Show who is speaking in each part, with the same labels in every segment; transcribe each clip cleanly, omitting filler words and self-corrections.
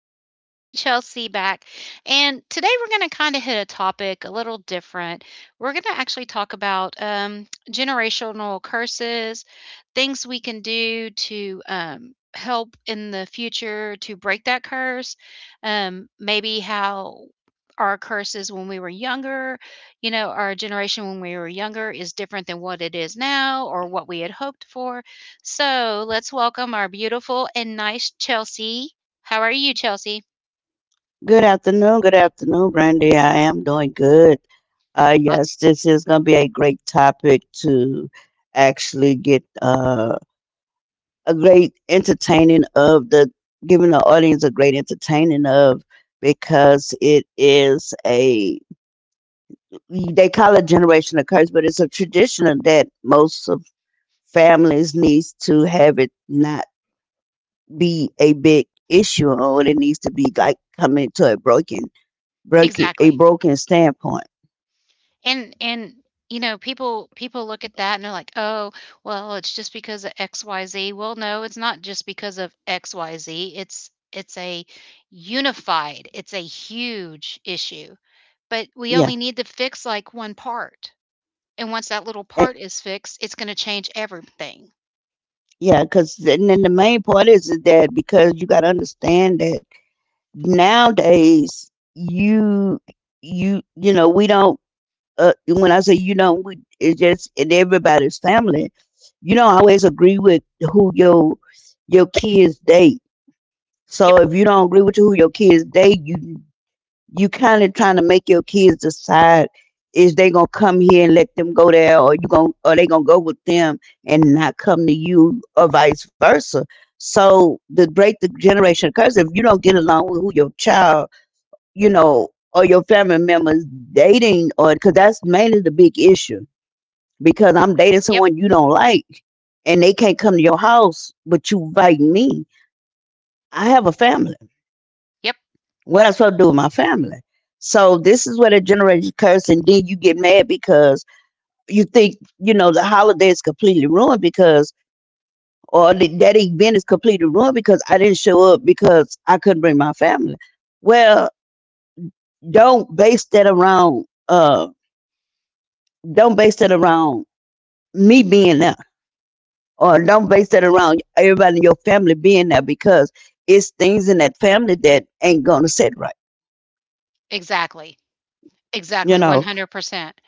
Speaker 1: our lovely Chelsea back. And today we're going to kind of hit a topic a little different. We're going to actually talk about generational curses, things we can do to help in the future to break that curse, maybe how our curses when we were younger, you know, our generation when we were younger is different than what it is now or what we had hoped for so let's welcome our beautiful and nice Chelsea. How are you, Chelsea?
Speaker 2: Good afternoon. Good afternoon, Brandy. I am doing good. Uh,
Speaker 1: Aw-
Speaker 2: yes, this is going to be a great topic to actually get a great entertaining of the giving the audience a great entertaining of because it is a they call it generational curse, but it's a tradition of that most of families needs to have it not be a big issue or it needs to be like coming to a broken
Speaker 1: Exactly.
Speaker 2: a broken standpoint.
Speaker 1: And you know, people look at that and they're like, "Oh, well, it's just because of XYZ." Well, no, it's not just because of XYZ. It's a unified, it's a huge issue. But we only
Speaker 2: Yeah.
Speaker 1: need to fix like one part. And once that little
Speaker 2: Eh,
Speaker 1: part is fixed, it's going to change everything.
Speaker 2: Yeah, because and then the main part is that because you got to understand that nowadays you you you know we don't when I say you don't we, it's just in everybody's family you don't always agree with who your kids date,
Speaker 1: Yep,
Speaker 2: so if you don't agree with who your kids date you kind of trying to make your kids decide is they gonna come here and let them go there, or you gonna or they gonna go with them and not come to you, or vice versa. So to break the generation curse if you don't get along with who your child, you know, or your family members dating, or because that's mainly the big issue. Because I'm dating
Speaker 1: yep,
Speaker 2: someone you don't like, and they can't come to your house, but you invite me. I have a family.
Speaker 1: yep.
Speaker 2: What I supposed to do with my family? So this is where the generation curse, and then you get mad because you think you know the holiday is completely ruined because, or the, that event is completely ruined because I didn't show up because I couldn't bring my family. Well, don't base that around. Don't base that around me being there, or don't base that around everybody in your family being there because it's things in that family that ain't gonna sit right.
Speaker 1: Exactly.
Speaker 2: You
Speaker 1: Exactly
Speaker 2: know,
Speaker 1: 100%.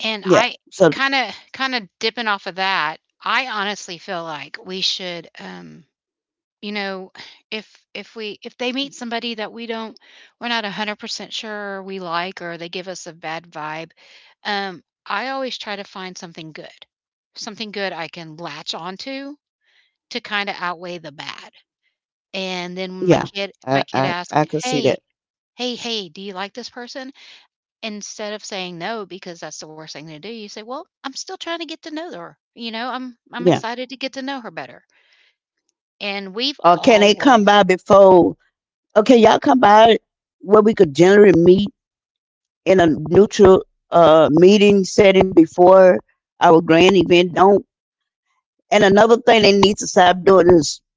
Speaker 1: And
Speaker 2: yeah.
Speaker 1: I
Speaker 2: So.
Speaker 1: kinda kinda dipping off of that, I honestly feel like we should, you know, if they meet somebody that we don't we're not 100% sure we like or they give us a bad vibe, I always try to find something good. Something good I can latch onto to kinda outweigh the bad. And then when my
Speaker 2: Yeah,
Speaker 1: kid my
Speaker 2: I
Speaker 1: kid
Speaker 2: I,
Speaker 1: asks,
Speaker 2: I could see
Speaker 1: "Hey,
Speaker 2: that.
Speaker 1: hey, do you like this person?" Instead of saying no because that's the worst thing to do, you say, "Well, I'm still trying to get to know her, you know, I'm
Speaker 2: Yeah.
Speaker 1: excited to get to know her better." And we've
Speaker 2: Or can they
Speaker 1: always
Speaker 2: come by before? Okay, y'all come by where we could generally meet in a neutral meeting setting before our grand event. Don't. And another thing they need to stop doing is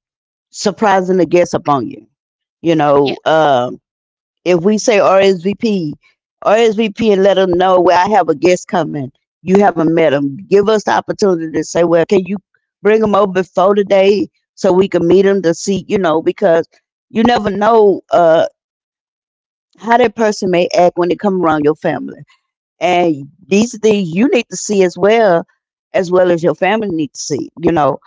Speaker 2: surprising the guests upon you. You
Speaker 1: Yeah,
Speaker 2: know, if we say RSVP or SVP and let them know where I have a guest coming. You haven't met them. Give us the opportunity to say, well, can you bring them over before today so we can meet them to see, you know, because you never know uh, how that person may act when they come around your family. And these are things you need to see as well, as well as your family need to see, you know.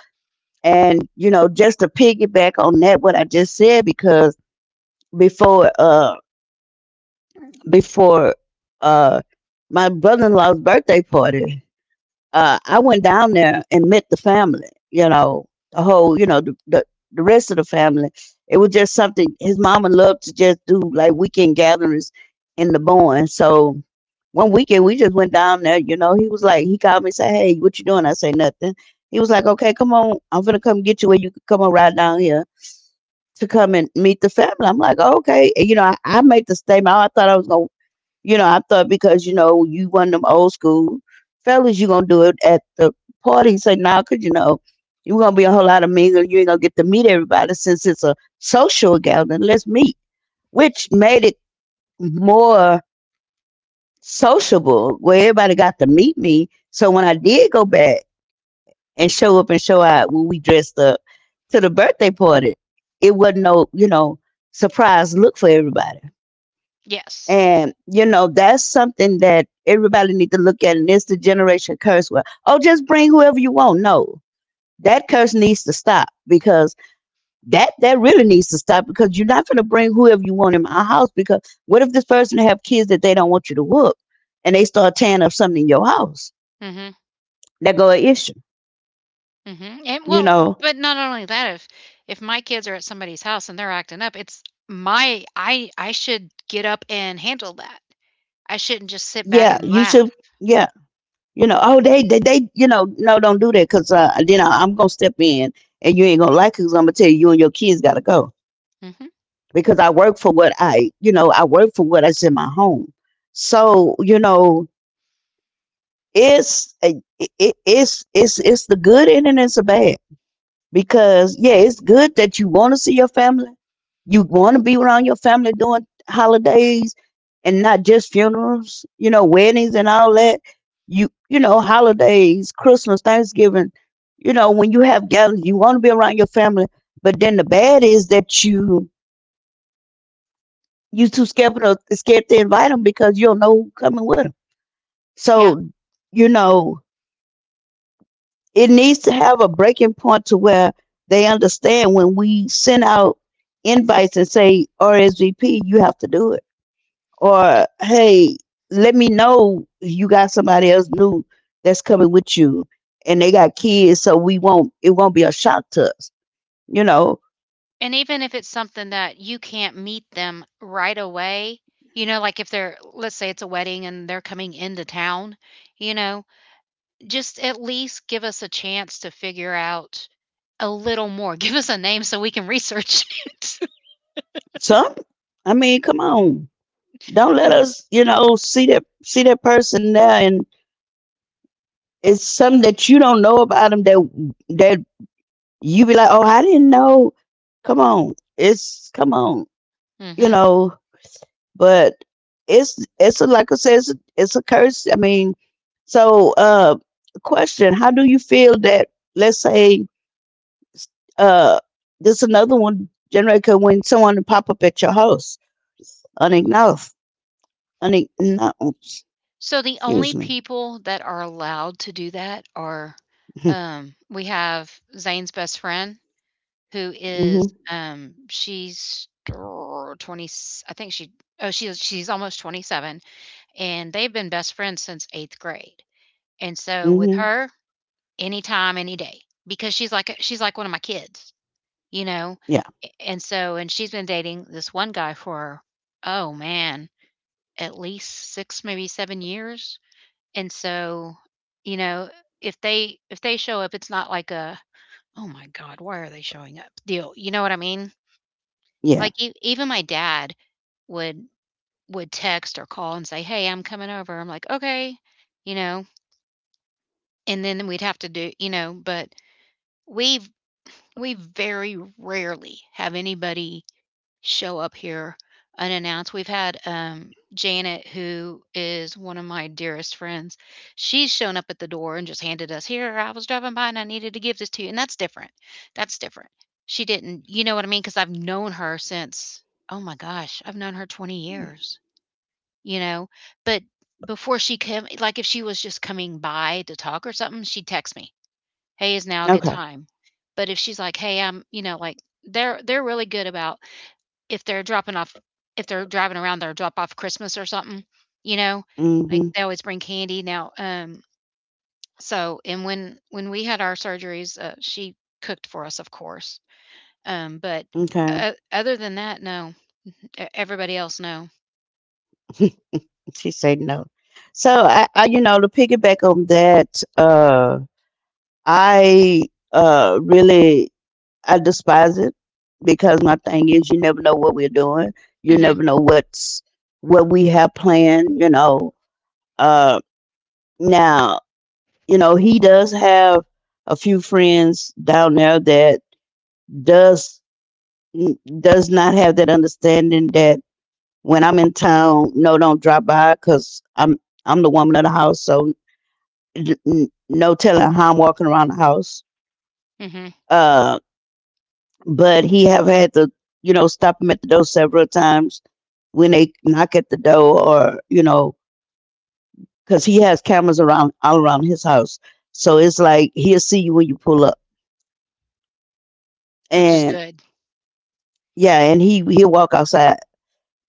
Speaker 2: And, you know, just to piggyback on that, what I just said, because before, uh, before, uh, my brother-in-law's birthday party. I went down there and met the family, you know, the whole, you know, the rest of the family. It was just something his mama loved to just do like weekend gatherings in the barn. So one weekend we just went down there, you know, he was like, he called me and said, "Hey, what you doing?" I say nothing. He was like, "Okay, come on, I'm gonna come get you where you can come on ride down here to come and meet the family." I'm like, "Oh, okay." And, you know, I made the statement, "Oh, I thought I was going to, you know, I thought because, you know, you one of them old school fellas, you going to do it at the party." Say, now, because, you know, you're going to be a whole lot of mingle. You ain't going to get to meet everybody since it's a social gathering. Let's meet, which made it more sociable where everybody got to meet me. So when I did go back, and show up and show out when we dressed up to the birthday party. It wasn't no, you know, surprise look for everybody.
Speaker 1: yes.
Speaker 2: And, you know, that's something that everybody need to look at. And it's the generation curse where, oh, just bring whoever you want. No, that curse needs to stop because that really needs to stop because you're not going to bring whoever you want in my house because what if this person have kids that they don't want you to whoop and they start tearing up something in your house?
Speaker 1: Mhm,
Speaker 2: That go an issue,
Speaker 1: mhm, and
Speaker 2: you
Speaker 1: well,
Speaker 2: know?
Speaker 1: but not only that, if my kids are at somebody's house and they're acting up, it's my I should get up and handle that. I shouldn't just sit back
Speaker 2: Yeah,
Speaker 1: and
Speaker 2: you
Speaker 1: laugh.
Speaker 2: should. Yeah, you know, oh, they, you know, no, don't do that because then I'm going to step in and you ain't going to like it because I'm going to tell you, you and your kids got to go
Speaker 1: Mhm,
Speaker 2: because I work for what I, you know, I work for what is in my home. So, you know, it's the good in it and it's the bad because yeah, it's good that you want to see your family. You want to be around your family during holidays and not just funerals, you know, weddings and all that. You know, holidays, Christmas, Thanksgiving, you know, when you have gatherings, you want to be around your family. But then the bad is that you too scared to invite them because you don't know who coming with them.
Speaker 1: yeah.
Speaker 2: So you know it needs to have a breaking point to where they understand when we send out invites and say RSVP, you have to do it, or hey, let me know you got somebody else new that's coming with you, and they got kids, so we won't it won't be a shock to us, you know.
Speaker 1: And even if it's something that you can't meet them right away, you know, like if they're let's say it's a wedding and they're coming into town, you know, just at least give us a chance to figure out a little more. Give us a name so we can research it.
Speaker 2: Some, I mean, come on, don't let us, you know, see that person there, and it's something that you don't know about them that you be like, oh, I didn't know. Come on, it's come on, you
Speaker 1: Mhm.
Speaker 2: know. But it's a, like I said, it's a curse. I mean, so question: how do you feel that? Let's say uh, this another one generator when someone pop up at your house unacknowledged, unacknowledged.
Speaker 1: So the only
Speaker 2: Excuse me.
Speaker 1: people that are allowed to do that are, we have Zane's best friend who is,
Speaker 2: Mhm.
Speaker 1: she's 20, I think she, oh, she's almost 27, and they've been best friends since 8th grade. And so with
Speaker 2: Mhm.
Speaker 1: her, anytime, any day, because she's like one of my kids, you know?
Speaker 2: Yeah.
Speaker 1: And so and she's been dating this one guy for oh man, at least 6 maybe 7 years. And so, you know, if they show up, it's not like a oh my god, why are they showing up? Deal. You know what I mean?
Speaker 2: Yeah.
Speaker 1: Like e- even my dad would would text or call and say, "Hey, I'm coming over." I'm like, "Okay." You know, and then we'd have to do you know, but we've we very rarely have anybody show up here unannounced. We've had, Janet, who is one of my dearest friends, she's shown up at the door and just handed us, "Here, I was driving by and I needed to give this to you," and that's different. That's different. She didn't you know what I mean? Because 'Cause I've known her since oh my gosh, I've known her 20 years, you know? But before she came like, if she was just coming by to talk or something, she'd text me. "Hey" is now a good
Speaker 2: Okay.
Speaker 1: time. But if she's like, "Hey, I'm" you know, like, they're really good about if they're dropping off if they're driving around they their drop off Christmas or something, you know, like,
Speaker 2: Mhm.
Speaker 1: they always bring candy now, so and when we had our surgeries, she cooked for us, of course, but
Speaker 2: Okay.
Speaker 1: o other than that, no. E everybody else, no.
Speaker 2: She said no. So I you know, to piggyback on that, uh, I really, I despise it because my thing is you never know what we're doing. You
Speaker 1: Mhm,
Speaker 2: never know what's what we have planned, you know. Uh Now, you know, he does have a few friends down there that does does not have that understanding that when I'm in town, no, don't drop by because I'm the woman of the house, so d- n- no telling how I'm walking around the house.
Speaker 1: mhm,
Speaker 2: Uh, but he have had to, you know, stop him at the door several times when they knock at the door or, you know, because he has cameras around all around his house. So it's like he'll see you when you pull up.
Speaker 1: which is
Speaker 2: And
Speaker 1: good.
Speaker 2: yeah, and he'll walk outside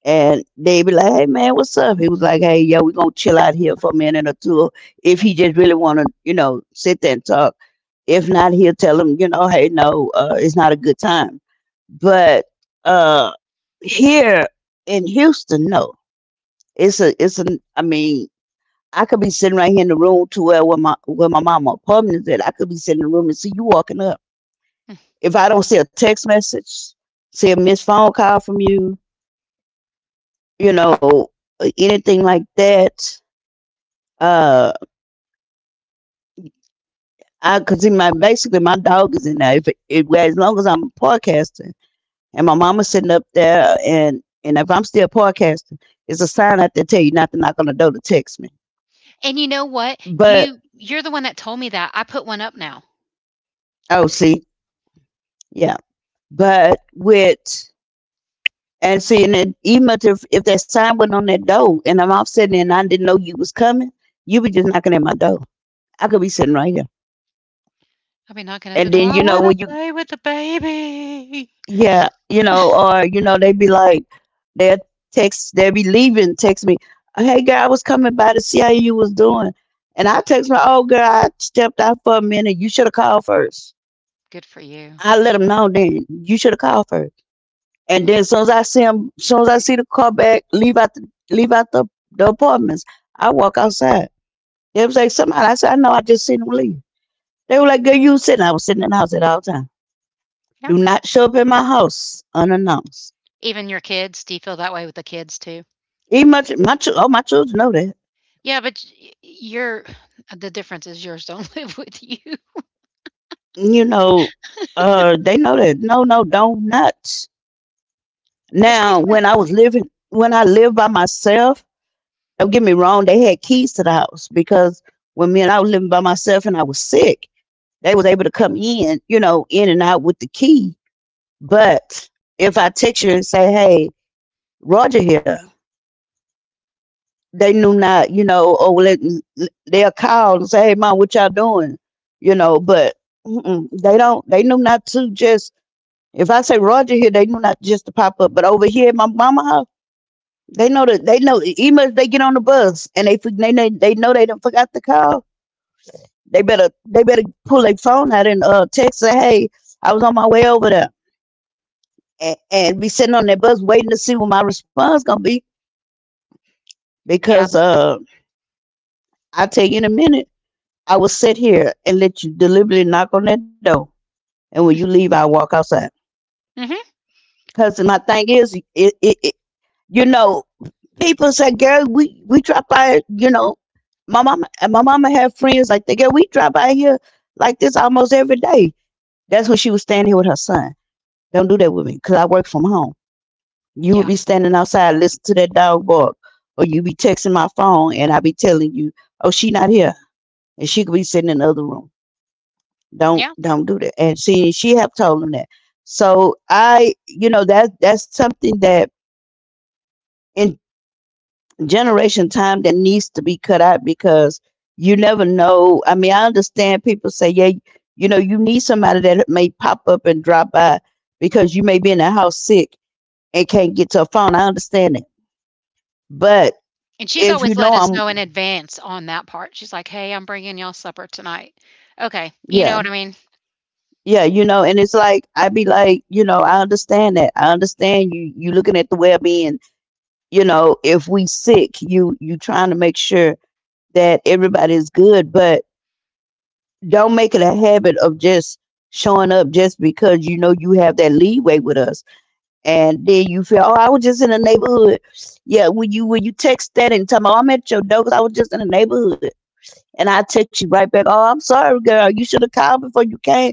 Speaker 2: and they be like, "Hey man, what's up?" He was like, "Hey, yo, we gonna chill out here for a minute or two" if he just really wanna, you know, sit there and talk. If not, he'll tell him, you know, hey, no, it's not a good time. But uh here in Houston, no. It's an I mean, I could be sitting right here in the room to where where my mama apartment is at. I could be sitting in the room and see you walking up.
Speaker 1: Mm.
Speaker 2: If I don't see a text message, see a missed phone call from you, you know, anything like that, uh I cause my basically my dog is in there. If it, it well, as long as I'm podcasting and my mama's sitting up there and if I'm still podcasting, it's a sign up that tell you not to knock on the door to text me.
Speaker 1: And you know what?
Speaker 2: But
Speaker 1: You're the one that told me that. I put one up now.
Speaker 2: oh, see, yeah, but with and seeing it, even if that sign went on that door and I'm off sitting there and I didn't know you was coming, you be just knocking at my door. I could be sitting right here,
Speaker 1: I'll be knocking
Speaker 2: and
Speaker 1: at the door,
Speaker 2: then
Speaker 1: "I
Speaker 2: you know when
Speaker 1: wanna
Speaker 2: you
Speaker 1: play with the baby."
Speaker 2: yeah, you know, or you know they be like they will text they be leaving text me, hey girl, I was coming by to see how you was doing, and I text my oh girl, I stepped out for a minute. You should have called first.
Speaker 1: Good for you.
Speaker 2: I let them know then. You should have called first. And then as soon as I see him, as soon as I see the car back, leave out the leave out the apartments, I walk outside. They was like somebody. I said, I know, I just seen him leave. They were like, girl, you sitting. I was sitting in the house at all time.
Speaker 1: Yeah.
Speaker 2: Do not show up in my house unannounced.
Speaker 1: Even your kids, do you feel that way with the kids too?
Speaker 2: Even my children know that.
Speaker 1: Yeah, but y you're the difference is yours don't live with you,
Speaker 2: You know, they know that. No, no, don't not.
Speaker 1: which makes
Speaker 2: Now,
Speaker 1: sense.
Speaker 2: when I lived by myself, don't get me wrong, they had keys to the house because when me and I was living by myself and I was sick. They was able to come in, you know, in and out with the key. But if I text you and say, "Hey, Roger here," they knew not, you know, or let they'll call and say, "Hey, mom, what y'all doing?" You know, but they don't. They knew not to just. If I say Roger here, they knew not just to pop up. But over here at my mama house, they know that they know. Even if they get on the bus and they know they done forgot to call, they better pull their phone out and text say, "Hey, I was on my way over there," and be sitting on that bus waiting to see what my response gonna be
Speaker 1: Yeah.
Speaker 2: because I tell you in a minute, I will sit here and let you deliberately knock on that door, and when you leave I will walk outside
Speaker 1: Mhm.
Speaker 2: because my thing is it, you know, people say, girl, we drop by, you know. My mama and my mama have friends like that. Girl, we drive by here like this almost every day. That's when she was standing here with her son. Don't do that with me because I work from home.
Speaker 1: Yeah.
Speaker 2: You would be standing outside listening to that dog bark, or you be texting my phone, and I be telling you, "Oh, she not here," and she could be sitting in the other room. Don't
Speaker 1: Yeah.
Speaker 2: don't do that. And she have told him that. So I, you know, that's something that in generation time that needs to be cut out because you never know. I mean, I understand people say, "Yeah, you know, you need somebody that may pop up and drop by because you may be in the house sick and can't get to a phone." I understand it, but
Speaker 1: And she's
Speaker 2: if you
Speaker 1: always let
Speaker 2: know
Speaker 1: us know in
Speaker 2: I'm.
Speaker 1: advance on that part. She's like, "Hey, I'm bringing y'all supper tonight." Okay. You know what
Speaker 2: Yeah.
Speaker 1: I mean?
Speaker 2: Yeah, you know, and it's like I be like, you know, I understand that. I understand you looking at the well being. You know, if we sick, you trying to make sure that everybody's good, but don't make it a habit of just showing up just because you know you have that leeway with us, and then you feel, oh, I was just in the neighborhood. Yeah, when you text that and tell me, oh, I'm at your door 'cause I was just in the neighborhood, and I text you right back, oh, I'm sorry, girl, you should have called before you came.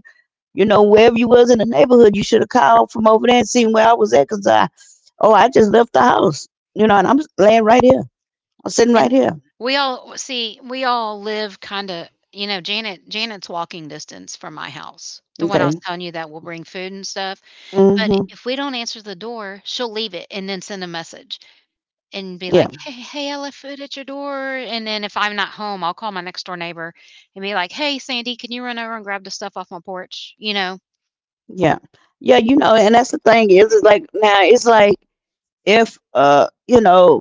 Speaker 2: You know, wherever you was in the neighborhood, you should have called from over there and seen where I was at because I, oh, I just left the house. You know, and I'm laying right here. I'm sitting right
Speaker 1: And
Speaker 2: here.
Speaker 1: we all see, we all live kind of, you know, Janet's walking distance from my house. The one I was
Speaker 2: Okay.
Speaker 1: telling you that will bring food and stuff. But
Speaker 2: Mm-hmm.
Speaker 1: if we don't answer the door, she'll leave it and then send a message and be like,
Speaker 2: Yeah.
Speaker 1: " I left food at your door." And then if I'm not home, I'll call my next door neighbor and be like, "Hey, Sandy, can you run over and grab the stuff off my porch?" You know?
Speaker 2: Yeah. Yeah. You know, and that's the thing is, it's like now it's like if, you know,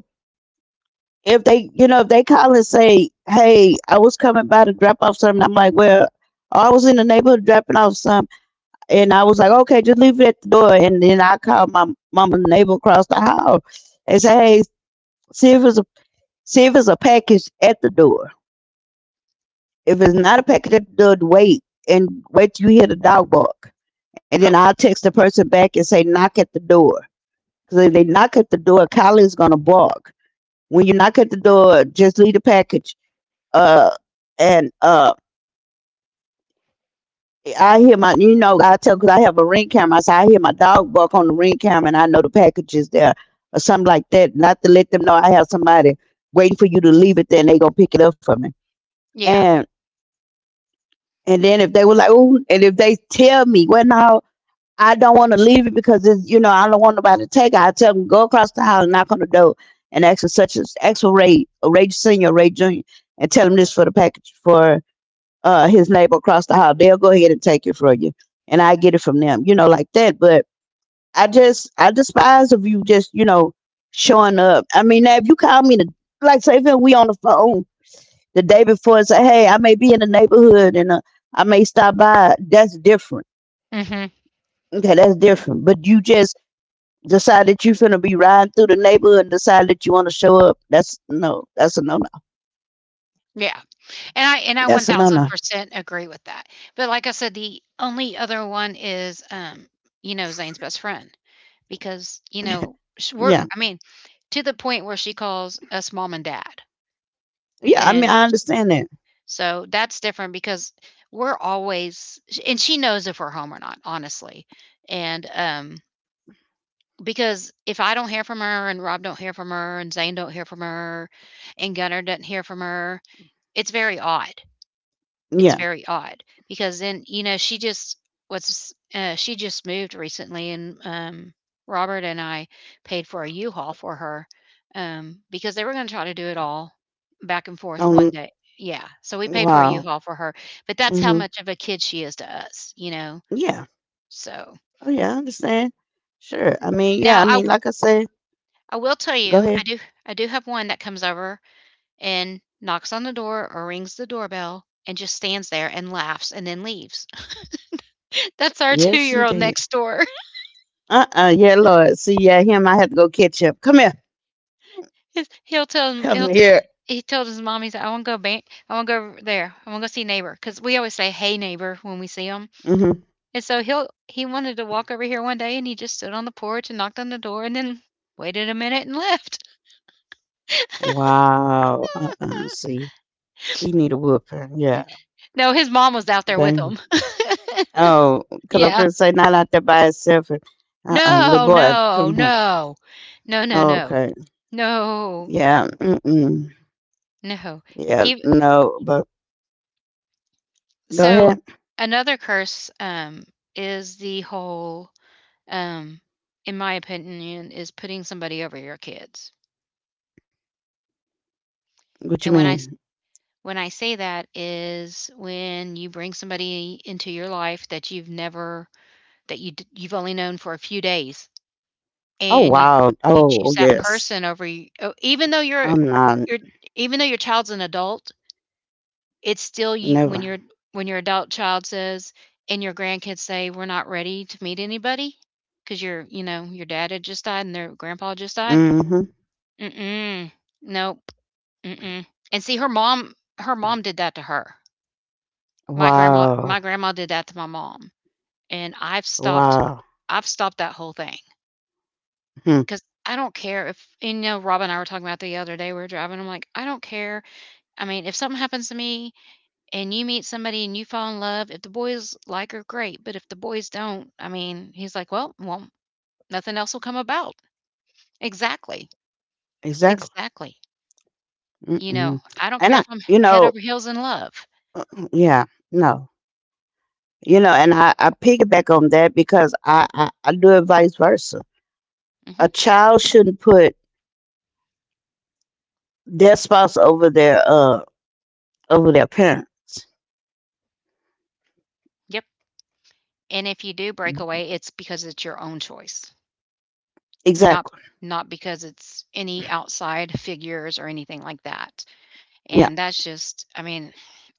Speaker 2: if they, you know, if they call and say, hey, I was coming by to drop off something, I'm like, well, I was in the neighborhood dropping off something, and I was like, okay, just leave it at the door. And then I called my mama neighbor across the hall and say, hey, see if Steve see if it's a package at the door. If it's not a package at the door, wait and wait till you hear the dog bark. And then
Speaker 1: Yep.
Speaker 2: I'll text the person back and say, knock at the door. Because if they knock at the door, Kylie is going to bark. When you knock at the door, just leave the package. Uh, and I hear my, you know, I tell because I have a ring camera. So I hear my dog bark on the ring camera and I know the package is there or something like that. Not to let them know I have somebody waiting for you to leave it, then they going to pick it up for me.
Speaker 1: Yeah.
Speaker 2: And And then if they were like, oh, and if they tell me, well, no, I don't want to leave it because it's, you know, I don't want nobody to take it. I tell them, go across the house and knock on the door and ask for such as, ask for Ray, Ray Sr., Ray Jr., and tell him this for the package for his neighbor across the house. They'll go ahead and take it from you. And I get it from them, you know, like that. But I just, I despise of you just, you know, showing up. I mean, now if you call me, to, like, say, if we on the phone the day before and say, "Hey, I may be in the neighborhood and I may stop by." That's different.
Speaker 1: Mhm.
Speaker 2: Okay, that's different. But you just decide that you're gonna be riding through the neighborhood and decide that you want to show up. That's no. That's a no no.
Speaker 1: Yeah. And I
Speaker 2: That's a no no.
Speaker 1: 1000% agree with that. But like I said, the only other one is, you know, Zane's best friend because, you know, sh we're
Speaker 2: Yeah,
Speaker 1: I mean, to the point where she calls us mom and dad.
Speaker 2: yeah. I mean,
Speaker 1: And
Speaker 2: I understand that.
Speaker 1: so that's different because we're always and she knows if we're home or not, honestly. And, because if I don't hear from her and Rob don't hear from her and Zane don't hear from her and Gunnar doesn't hear from her, it's very odd. It's
Speaker 2: Yeah.
Speaker 1: very odd because then, you know, she just was she just moved recently and Robert and I paid for a U-Haul for her because they were going to try to do it all back and forth one
Speaker 2: Um.
Speaker 1: day. Yeah. So we paid for a
Speaker 2: Wow.
Speaker 1: U-Haul for her, but that's how
Speaker 2: Hmm.
Speaker 1: much of a kid she is to us, you know.
Speaker 2: Yeah.
Speaker 1: So
Speaker 2: Oh yeah, I understand. Sure. I mean, yeah.
Speaker 1: now
Speaker 2: I
Speaker 1: I
Speaker 2: mean, like I say,
Speaker 1: will tell
Speaker 2: go
Speaker 1: you, I
Speaker 2: ahead.
Speaker 1: do I do have one that comes over and knocks on the door or rings the doorbell and just stands there and laughs and then leaves. That's our
Speaker 2: Yes,
Speaker 1: 2-year-old
Speaker 2: indeed.
Speaker 1: next door.
Speaker 2: Yeah, Lord. See, yeah, him. I have to go catch up. Come here.
Speaker 1: His, he'll tell him
Speaker 2: Come
Speaker 1: he'll t-
Speaker 2: here.
Speaker 1: he told his mom he's like, I want to go ban- I want to go over there. I want to go see neighbor because we always say hey neighbor when we see him.
Speaker 2: Hmm.
Speaker 1: And so he wanted to walk over here one day and he just stood on the porch and knocked on the door and then waited a minute and left.
Speaker 2: Wow, uh-uh, see, he need a whooping, yeah.
Speaker 1: No, his mom was out there with
Speaker 2: Then,
Speaker 1: him.
Speaker 2: oh, 'cause I'm
Speaker 1: Yeah.
Speaker 2: finna say not out there by itself. Uh-uh,
Speaker 1: No,
Speaker 2: little boy,
Speaker 1: no,
Speaker 2: come here.
Speaker 1: no, no, no, no,
Speaker 2: Okay,
Speaker 1: no,
Speaker 2: yeah, mm-mm,
Speaker 1: no.
Speaker 2: yeah,
Speaker 1: Ev-
Speaker 2: no, but go
Speaker 1: so
Speaker 2: ahead.
Speaker 1: another curse is the whole um, in my opinion, is putting somebody over your kids.
Speaker 2: What
Speaker 1: And
Speaker 2: you
Speaker 1: when I s-
Speaker 2: mean?
Speaker 1: when I say that is when you bring somebody into your life that you've never that you d- you've only known for a few days,
Speaker 2: Oh,
Speaker 1: and you
Speaker 2: wow,
Speaker 1: you choose
Speaker 2: oh,
Speaker 1: that
Speaker 2: yes.
Speaker 1: person over even though you're
Speaker 2: I'm not,
Speaker 1: you're even though your child's an adult, it's still you
Speaker 2: never.
Speaker 1: when your adult child says and your grandkids say we're not ready to meet anybody because your you know your dad had just died and their grandpa just died
Speaker 2: Mm-hmm.
Speaker 1: Mm-mm. Nope. Mm-mm. And see, her mom did that to her. My grandma
Speaker 2: Wow,
Speaker 1: my grandma did that to my mom, and I've stopped
Speaker 2: wow,
Speaker 1: I've stopped that whole thing
Speaker 2: hmm,
Speaker 1: because I don't care if and, you know, Rob and I were talking about the other day, we were driving, I'm like, "I don't care." I mean, if something happens to me and you meet somebody and you fall in love, if the boys like her, great, but if the boys don't, I mean, he's like, "Well, nothing else will come about." Exactly.
Speaker 2: exactly.
Speaker 1: Exactly. You know,
Speaker 2: Mm-mm.
Speaker 1: I don't care
Speaker 2: And
Speaker 1: if
Speaker 2: I,
Speaker 1: I'm
Speaker 2: you
Speaker 1: head over
Speaker 2: know,
Speaker 1: heels in love.
Speaker 2: yeah, no. You know, and I, piggyback on that because I do it vice versa.
Speaker 1: Mhm.
Speaker 2: A child shouldn't put their spouse over their parent.
Speaker 1: Yep, and if you do break away, it's because it's your own choice, not
Speaker 2: Exactly.
Speaker 1: not because it's any outside figures or anything like that, and
Speaker 2: Yeah.
Speaker 1: that's just I mean,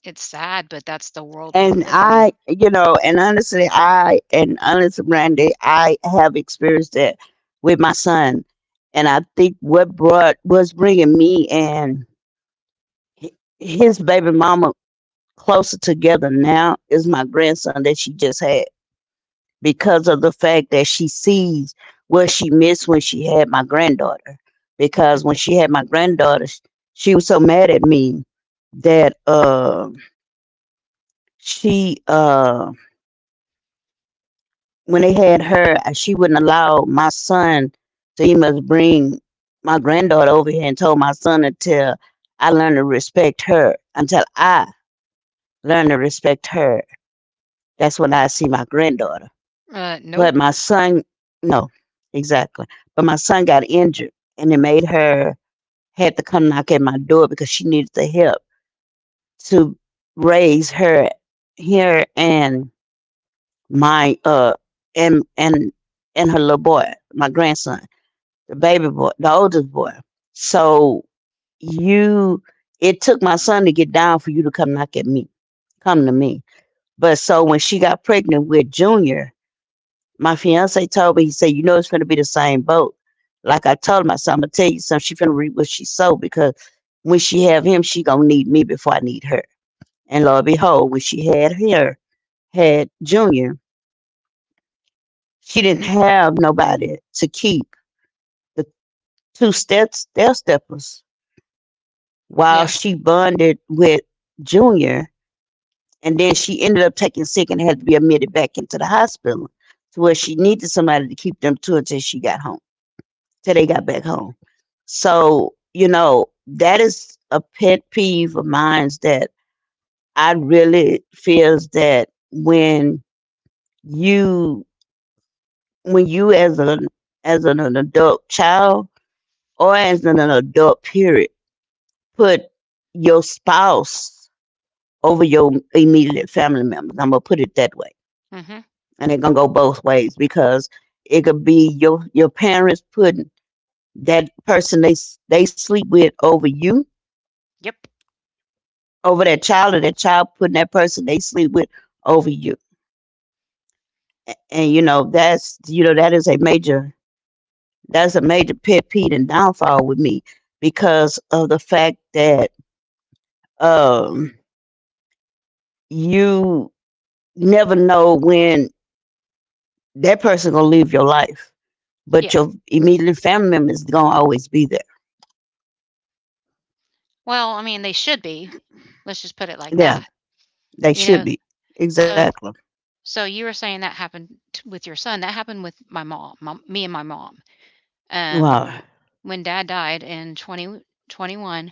Speaker 1: it's sad, but that's the world we
Speaker 2: And
Speaker 1: live in.
Speaker 2: I, you know, and honestly, Randy, I have experienced that with my son, and I think what brought was bringing me and his baby mama closer together now is my grandson that she just had. Because of the fact that she sees what she missed when she had my granddaughter. Because when she had my granddaughter, she was so mad at me that she, uh, when they had her, she wouldn't allow my son to even bring my granddaughter over here and told my son until I learned to respect her, until I learned to respect her. That's when I see my granddaughter.
Speaker 1: Nope.
Speaker 2: But my son, no, exactly. But my son got injured, and it made her had to come knock at my door because she needed the help to raise her, her and my uh and and and her little boy, my grandson, the baby boy, the oldest boy. So you, it took my son to get down for you to come knock at me, come to me. But so when she got pregnant with Junior, my fiance told me, he said, you know, it's going to be the same boat. Like I told him, I said, I'm going to tell you something. She's going to read what she sold because when she have him, she going to need me before I need her. And lo and behold, when she had her, had Junior, she didn't have nobody to keep the two steppers while
Speaker 1: Yeah.
Speaker 2: she bonded with Junior. And then she ended up taking sick and had to be admitted back into the hospital to where she needed somebody to keep them two until she got home, till they got back home. So, you know, that is a pet peeve of mine that I really feels that when you, when you as an adult child or as an adult period, put your spouse over your immediate family members. I'm gonna put it that way.
Speaker 1: Mhm.
Speaker 2: And it gonna go both ways because it could be your parents putting that person they sleep with over you,
Speaker 1: Yep.
Speaker 2: over that child, or that child putting that person they sleep with over you. And you know, that's, you know, that is a major, pet peeve and downfall with me because of the fact that um you never know when that person gonna leave your life. But
Speaker 1: Yeah.
Speaker 2: your immediate family members gonna always be there.
Speaker 1: Well, I mean, they should be. Let's just put it like that.
Speaker 2: Yeah, they
Speaker 1: You
Speaker 2: should
Speaker 1: know,
Speaker 2: be.
Speaker 1: so
Speaker 2: Exactly.
Speaker 1: so you were saying that happened t- with your son. That happened with my mom, me and my mom. Um,
Speaker 2: Wow.
Speaker 1: when dad died in 2021,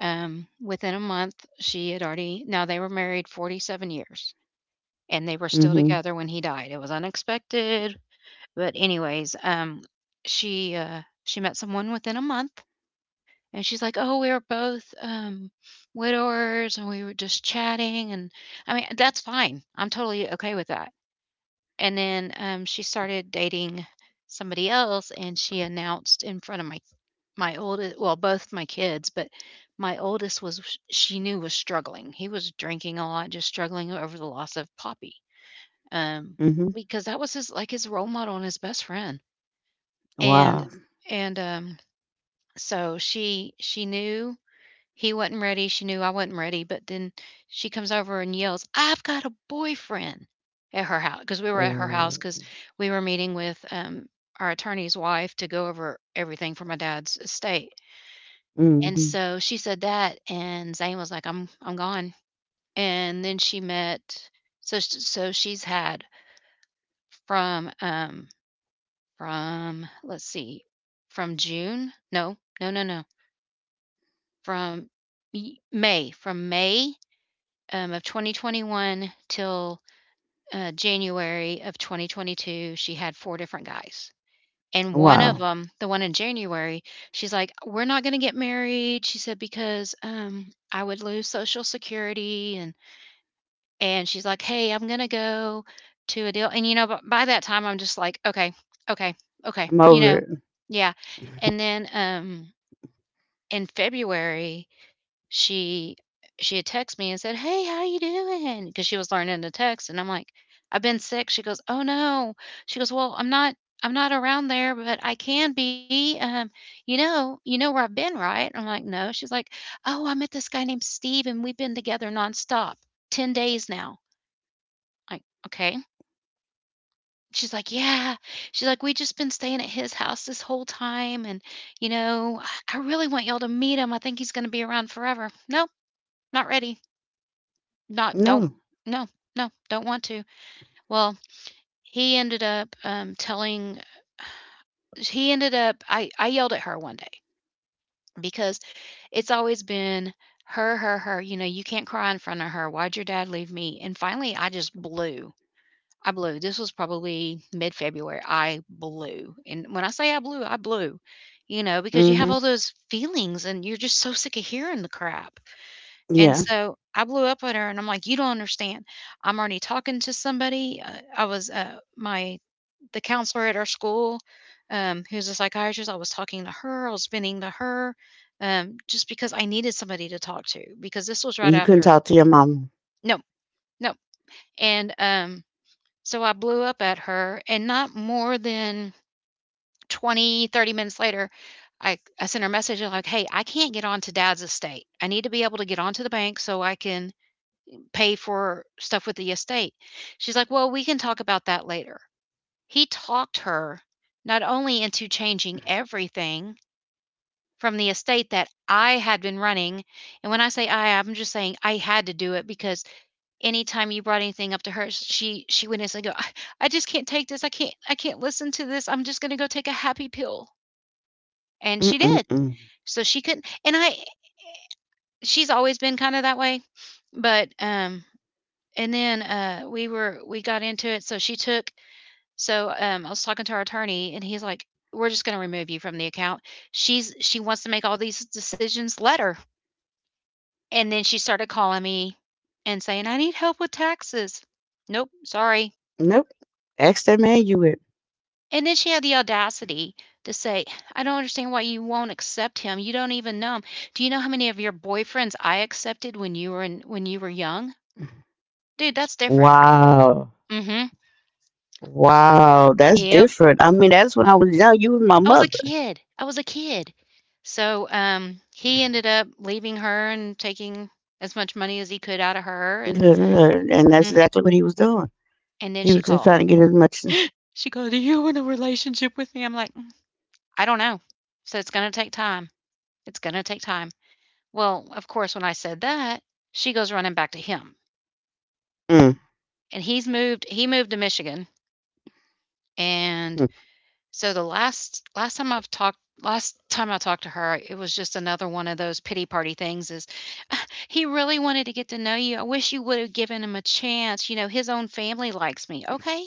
Speaker 1: um, within a month, she had already now they were married 47 years, and they were still
Speaker 2: Mhm.
Speaker 1: together when he died. It was unexpected, but anyways, she met someone within a month, and she's like, "Oh, we were both, widowers, and we were just chatting," and, I mean, that's fine. I'm totally okay with that. And then, she started dating somebody else, and she announced in front of my oldest well, both my kids, but my oldest was she knew was struggling. He was drinking a lot, just struggling over the loss of Poppy, um,
Speaker 2: Mhm.
Speaker 1: because that was his like, his role model and his best friend. And
Speaker 2: Wow.
Speaker 1: and, um, so she knew he wasn't ready, she knew I wasn't ready, but then she comes over and yells, "I've got a boyfriend!" at her house. Because we were at her house
Speaker 2: Mm.
Speaker 1: because we were meeting with, our attorney's wife to go over everything for my dad's estate, and
Speaker 2: Mhm.
Speaker 1: so she said that, and Zane was like, "I'm gone," and then she met so she's had from, um, from let's see, from June? No, no, no, no, from y May, from May of 2021 till January of 2022, she had four different guys. And one of
Speaker 2: Wow.
Speaker 1: them, the one in January, she's like, "We're not going to get married," she said, "because I would lose Social Security." And she's like, "Hey, I'm going to go to a deal." And you know, by that time, I'm just like, "Okay, okay, okay,"
Speaker 2: I'm
Speaker 1: you
Speaker 2: over
Speaker 1: know,
Speaker 2: it.
Speaker 1: yeah. And then in February, she she had texted me and said, "Hey, how you doing?" Because she was learning to text, and I'm like, "I've been sick." She goes, "Oh no." She goes, "Well, I'm not around there, but I can be. You know where I've been, right?" I'm like, "No." She's like, "Oh, I met this guy named Steve, and we've been together nonstop, 10 days now." Like, okay. She's like, yeah. She's like, we just been staying at his house this whole time, and I really want y'all to meet him. I think he's going to be around forever. Nope, not ready. Not don't
Speaker 2: No.
Speaker 1: no, no, don't want to. Well, he ended up, um, telling he ended up I yelled at her one day because it's always been her, her, her, you know, you can't cry in front of her. Why'd your dad leave me? And finally, I just blew. I blew. This was probably mid February. I blew. And when I say I blew, you know, because you have all
Speaker 2: Mhm.
Speaker 1: those feelings and you're just so sick of hearing the crap. And
Speaker 2: Yeah,
Speaker 1: so I blew up at her and I'm like, "You don't understand. I'm already talking to somebody." I was my the counselor at our school, who's a psychiatrist. I was talking to her. I was venting to her, just because I needed somebody to talk to because this was right
Speaker 2: you couldn't
Speaker 1: after.
Speaker 2: talk to your mama.
Speaker 1: No, no. And so I blew up at her, and not more than 20, 30 minutes later, I sent her a message like, hey, I can't get onto dad's estate. I need to be able to get onto the bank so I can pay for stuff with the estate. She's like, "Well, we can talk about that later." He talked her not only into changing everything from the estate that I had been running, and when I say I, I'm just saying I had to do it because anytime you brought anything up to her, she would instantly go, I just can't take this. I can't listen to this. I'm just going to go take a happy pill." And she did.
Speaker 2: Mm-mm-mm.
Speaker 1: So she couldn't and I she's always been kind of that way, but and then, we got into it, so she took so, I was talking to our attorney, and he's like, "We're just gonna remove you from the account. She wants to make all these decisions, let her." And then she started calling me and saying, "I need help with taxes." "Nope, sorry."
Speaker 2: Nope. Ask that man you with.
Speaker 1: And then she had the audacity to say, "I don't understand why you won't accept him. You don't even know him. Do you know how many of your boyfriends I accepted when you were young?" Dude, that's different.
Speaker 2: Wow.
Speaker 1: Mhm.
Speaker 2: Wow. That's
Speaker 1: Yep.
Speaker 2: different. I mean, that's when I was young. You was my
Speaker 1: I was a
Speaker 2: mother.
Speaker 1: kid. I was a kid. So, he ended up leaving her and taking as much money as he could out of her, and
Speaker 2: And that's
Speaker 1: mm,
Speaker 2: exactly what he was doing.
Speaker 1: and then
Speaker 2: He
Speaker 1: she
Speaker 2: was just trying
Speaker 1: called.
Speaker 2: to get as much.
Speaker 1: She goes, "Are you in a relationship with me?" I'm like, "Mm, I don't know. So it's gonna take time. It's gonna take time." Well, of course, when I said that, she goes running back to him,
Speaker 2: Mm.
Speaker 1: and he's moved. He moved to Michigan, and so the last time I talked to her, it was just another one of those pity party things is he really wanted to get to know you. I wish you would have given him a chance. You know, his own family likes me. Okay.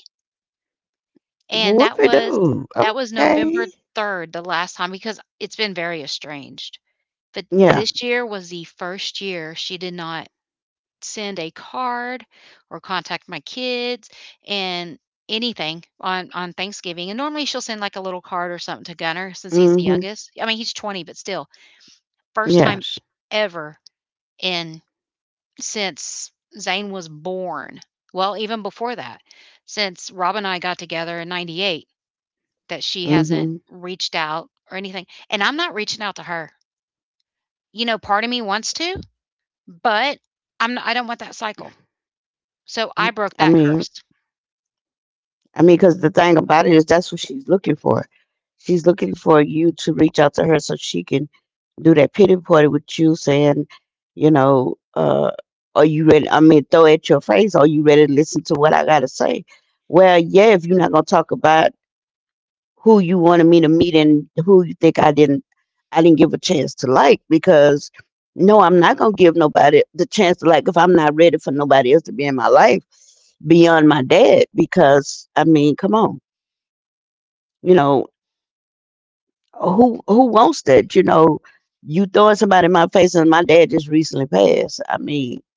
Speaker 1: And
Speaker 2: Whoopie doo.
Speaker 1: that was
Speaker 2: Okay.
Speaker 1: November 3rd the last time because it's been very estranged. But
Speaker 2: Yeah.
Speaker 1: this year was the first year she did not send a card or contact my kids and anything on Thanksgiving. And normally she'll send like a little card or something to Gunner since he's the
Speaker 2: Mm-hmm.
Speaker 1: youngest. I mean, he's 20, but still, first time
Speaker 2: Yes.
Speaker 1: ever in since Zane was born. Well, even before that, since Rob and I got together in 98, that she hasn't
Speaker 2: Mm-hmm.
Speaker 1: reached out or anything. And I'm not reaching out to her. You know, part of me wants to, but I don't want that cycle. So I broke
Speaker 2: I
Speaker 1: that
Speaker 2: mean,
Speaker 1: curse.
Speaker 2: I mean, because the thing about it is that's what she's looking for. She's looking for you to reach out to her so she can do that pity party with you saying, you know, uh, are you ready? I mean, throw at your face, are you ready to listen to what I got to say? Well, yeah, if you're not going to talk about who you wanted me to meet and who you think I didn't give a chance to, like, because no, I'm not going to give nobody the chance to like if I'm not ready for nobody else to be in my life beyond my dad, because I mean, come on, you know, who wants that? You know, you throwing somebody in my face, and my dad just recently passed. I mean,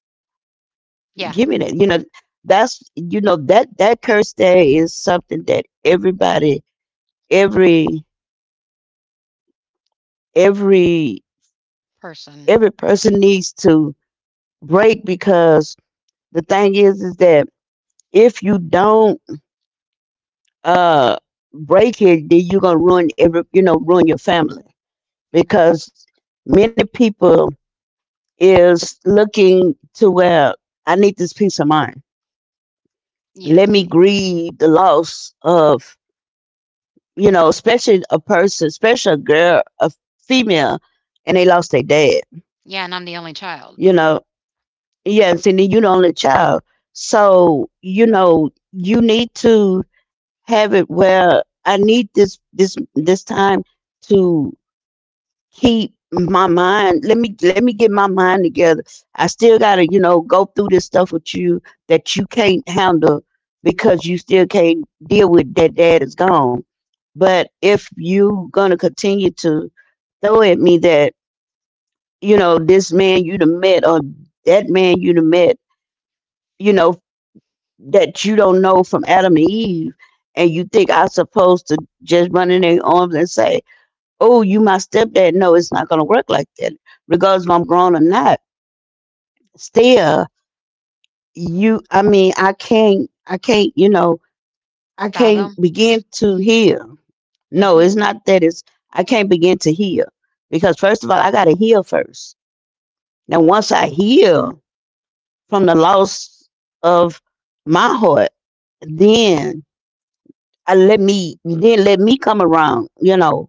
Speaker 1: Yeah.
Speaker 2: give me that. You know, that's that curse there is something that everybody, every every
Speaker 1: Person.
Speaker 2: every person needs to break, because the thing is that if you don't uh break it, then you're gonna ruin your family, because many people is looking to where I need this peace of mind. Let
Speaker 1: Yes.
Speaker 2: me grieve the loss of, especially a person, especially a girl, a female, and they lost their dad.
Speaker 1: Yeah, and I'm the only child.
Speaker 2: you know yes, and then you the only child, so, you need to have it where I need this time to keep my mind. Let me get my mind together. I still gotta, go through this stuff with you that you can't handle, because you still can't deal with that dad is gone. But if you gonna continue to throw at me that, this man you done met or that man you done met, you know that you don't know from Adam and Eve, and you think I'm supposed to just run in their arms and say, oh, you my stepdad. No, it's not gonna work like that. Regardless if I'm grown or not, still you I mean, I
Speaker 1: Fathom?
Speaker 2: can't begin to heal. No,
Speaker 1: Mhm.
Speaker 2: it's not that. It's I can't begin to heal. Because first of all, I gotta heal first. Now once I heal from the loss of my heart, then I let me then let me come around, you know.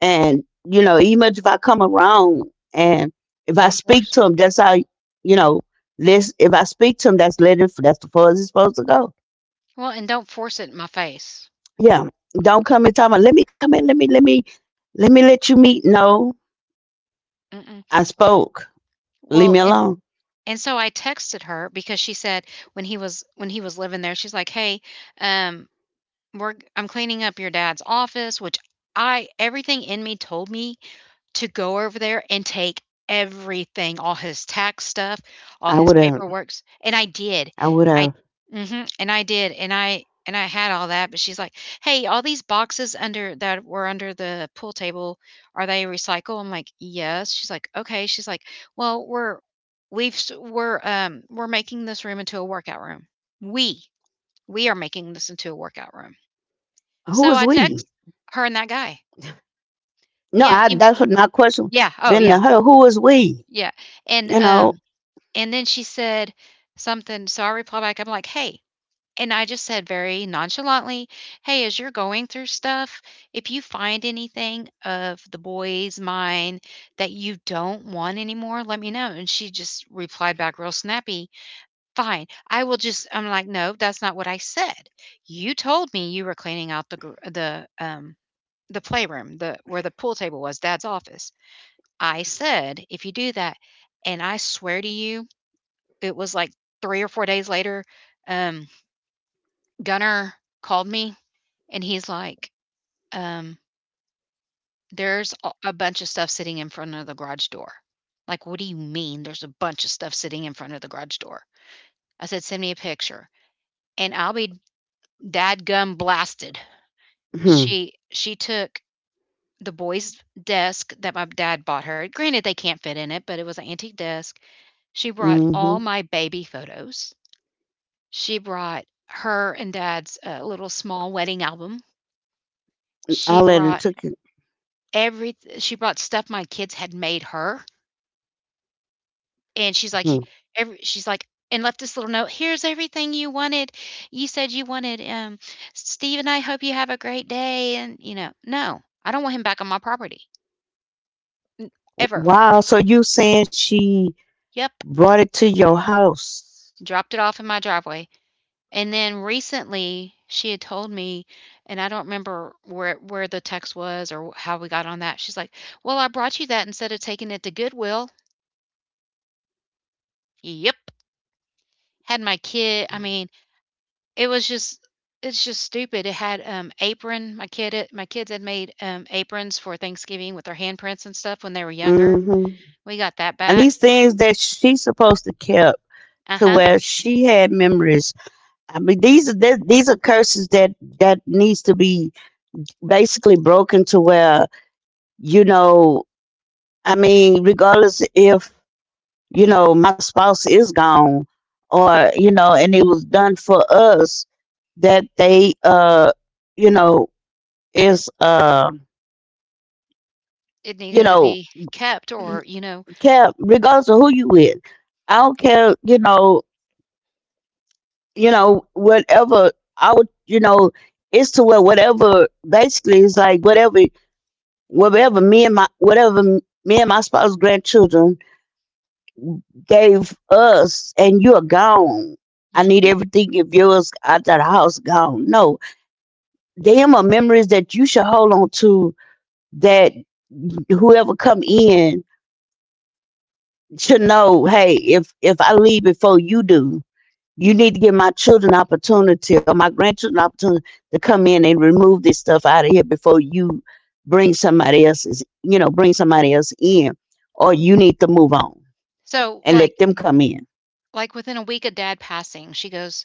Speaker 2: And, you know, even if I come around and if I
Speaker 1: Don't
Speaker 2: speak
Speaker 1: force
Speaker 2: to him, that's how, you know, if I speak to him, that's letting, that's the far as it's supposed to go.
Speaker 1: well, and don't force it in my face.
Speaker 2: Yeah. Don't come and tell me, let me come in, let me let you meet. No,
Speaker 1: Mm-mm.
Speaker 2: I spoke. Leave
Speaker 1: Well,
Speaker 2: me alone.
Speaker 1: and so I texted her because she said when he was living there, she's like, "Hey, um, we're I'm cleaning up your dad's office," which I everything in me told me to go over there and take everything, all his tax stuff, all
Speaker 2: I
Speaker 1: his
Speaker 2: would have,
Speaker 1: paperwork, and I did.
Speaker 2: I would
Speaker 1: I
Speaker 2: have,
Speaker 1: Mhm, and I did, and I had all that, but she's like, "Hey, all these boxes under that were under the pool table, are they recycled?" I'm like, "Yes." She's like, "Okay." She's like, "Well, we've we're making this room into a workout room. We we are making this into a workout room." So
Speaker 2: who
Speaker 1: I
Speaker 2: was
Speaker 1: text
Speaker 2: we?
Speaker 1: her and that guy.
Speaker 2: No,
Speaker 1: Yeah, he
Speaker 2: that's what my question
Speaker 1: yeah, oh
Speaker 2: been
Speaker 1: yeah.
Speaker 2: to her. Who was we?
Speaker 1: Yeah, and,
Speaker 2: You
Speaker 1: um,
Speaker 2: know.
Speaker 1: and then she said something, so I replied back, I'm like, "Hey," and I just said very nonchalantly, "Hey, as you're going through stuff, if you find anything of the boy's mind that you don't want anymore, let me know." And she just replied back real snappy, "Fine, I will just" I'm like, "No, that's not what I said. You told me you were cleaning out the playroom, the where the pool table was, dad's office. I said, "If you do that" and I swear to you, it was like 3 or 4 days later, um, Gunner called me and he's like, um, "There's a bunch of stuff sitting in front of the garage door." Like, "What do you mean there's a bunch of stuff sitting in front of the garage door?" I said, "Send me a picture." And I'll be dadgum blasted.
Speaker 2: Hmm.
Speaker 1: She took the boy's desk that my dad bought her. Granted, they can't fit in it, but it was an antique desk. She brought all
Speaker 2: Mm-hmm.
Speaker 1: my baby photos. She brought her and dad's, little small wedding album. She
Speaker 2: I let
Speaker 1: brought
Speaker 2: it took it.
Speaker 1: she brought stuff my kids had made her, and she's like,
Speaker 2: Hmm.
Speaker 1: every she's like and left this little note, "Here's everything you wanted. You said you wanted, Steve and I hope you have a great day," and, you know, no, I don't want him back on my property, ever.
Speaker 2: Wow. So you saying she
Speaker 1: Yep,
Speaker 2: brought it to your house.
Speaker 1: dropped it off in my driveway. And then recently, she had told me, and I don't remember where the text was or how we got on that. She's like, "Well, I brought you that instead of taking it to Goodwill." Yep. Had my kid I mean, it was just it's just stupid. It had, apron my kid had my kids had made, aprons for Thanksgiving with their handprints and stuff when they were younger.
Speaker 2: Hmm.
Speaker 1: We got that
Speaker 2: And
Speaker 1: back.
Speaker 2: these things that she's supposed to keep, to
Speaker 1: Uh-huh.
Speaker 2: where she had memories. I mean, these are curses that needs to be basically broken to where, you know. I mean, regardless if, you know, my spouse is gone, or, you know, and it was done for us that they, you know, is,
Speaker 1: It
Speaker 2: you
Speaker 1: needed to
Speaker 2: know,
Speaker 1: be kept or, you know,
Speaker 2: care regardless of who you with. I don't care, you know, whatever I would, you know, it's to where whatever, basically it's like whatever me and my, whatever me and my spouse, grandchildren gave us, and you're gone. I need
Speaker 1: mhm.
Speaker 2: everything of yours out of the house, gone. No. Them are memories that you should hold on to, that whoever come in should know, hey, if I leave before you do, you need to give my children opportunity, or my grandchildren opportunity, to come in and remove this stuff out of here before you bring somebody else in. Or you need to move on and
Speaker 1: So,
Speaker 2: let them come in.
Speaker 1: like, within a week of dad passing, she goes,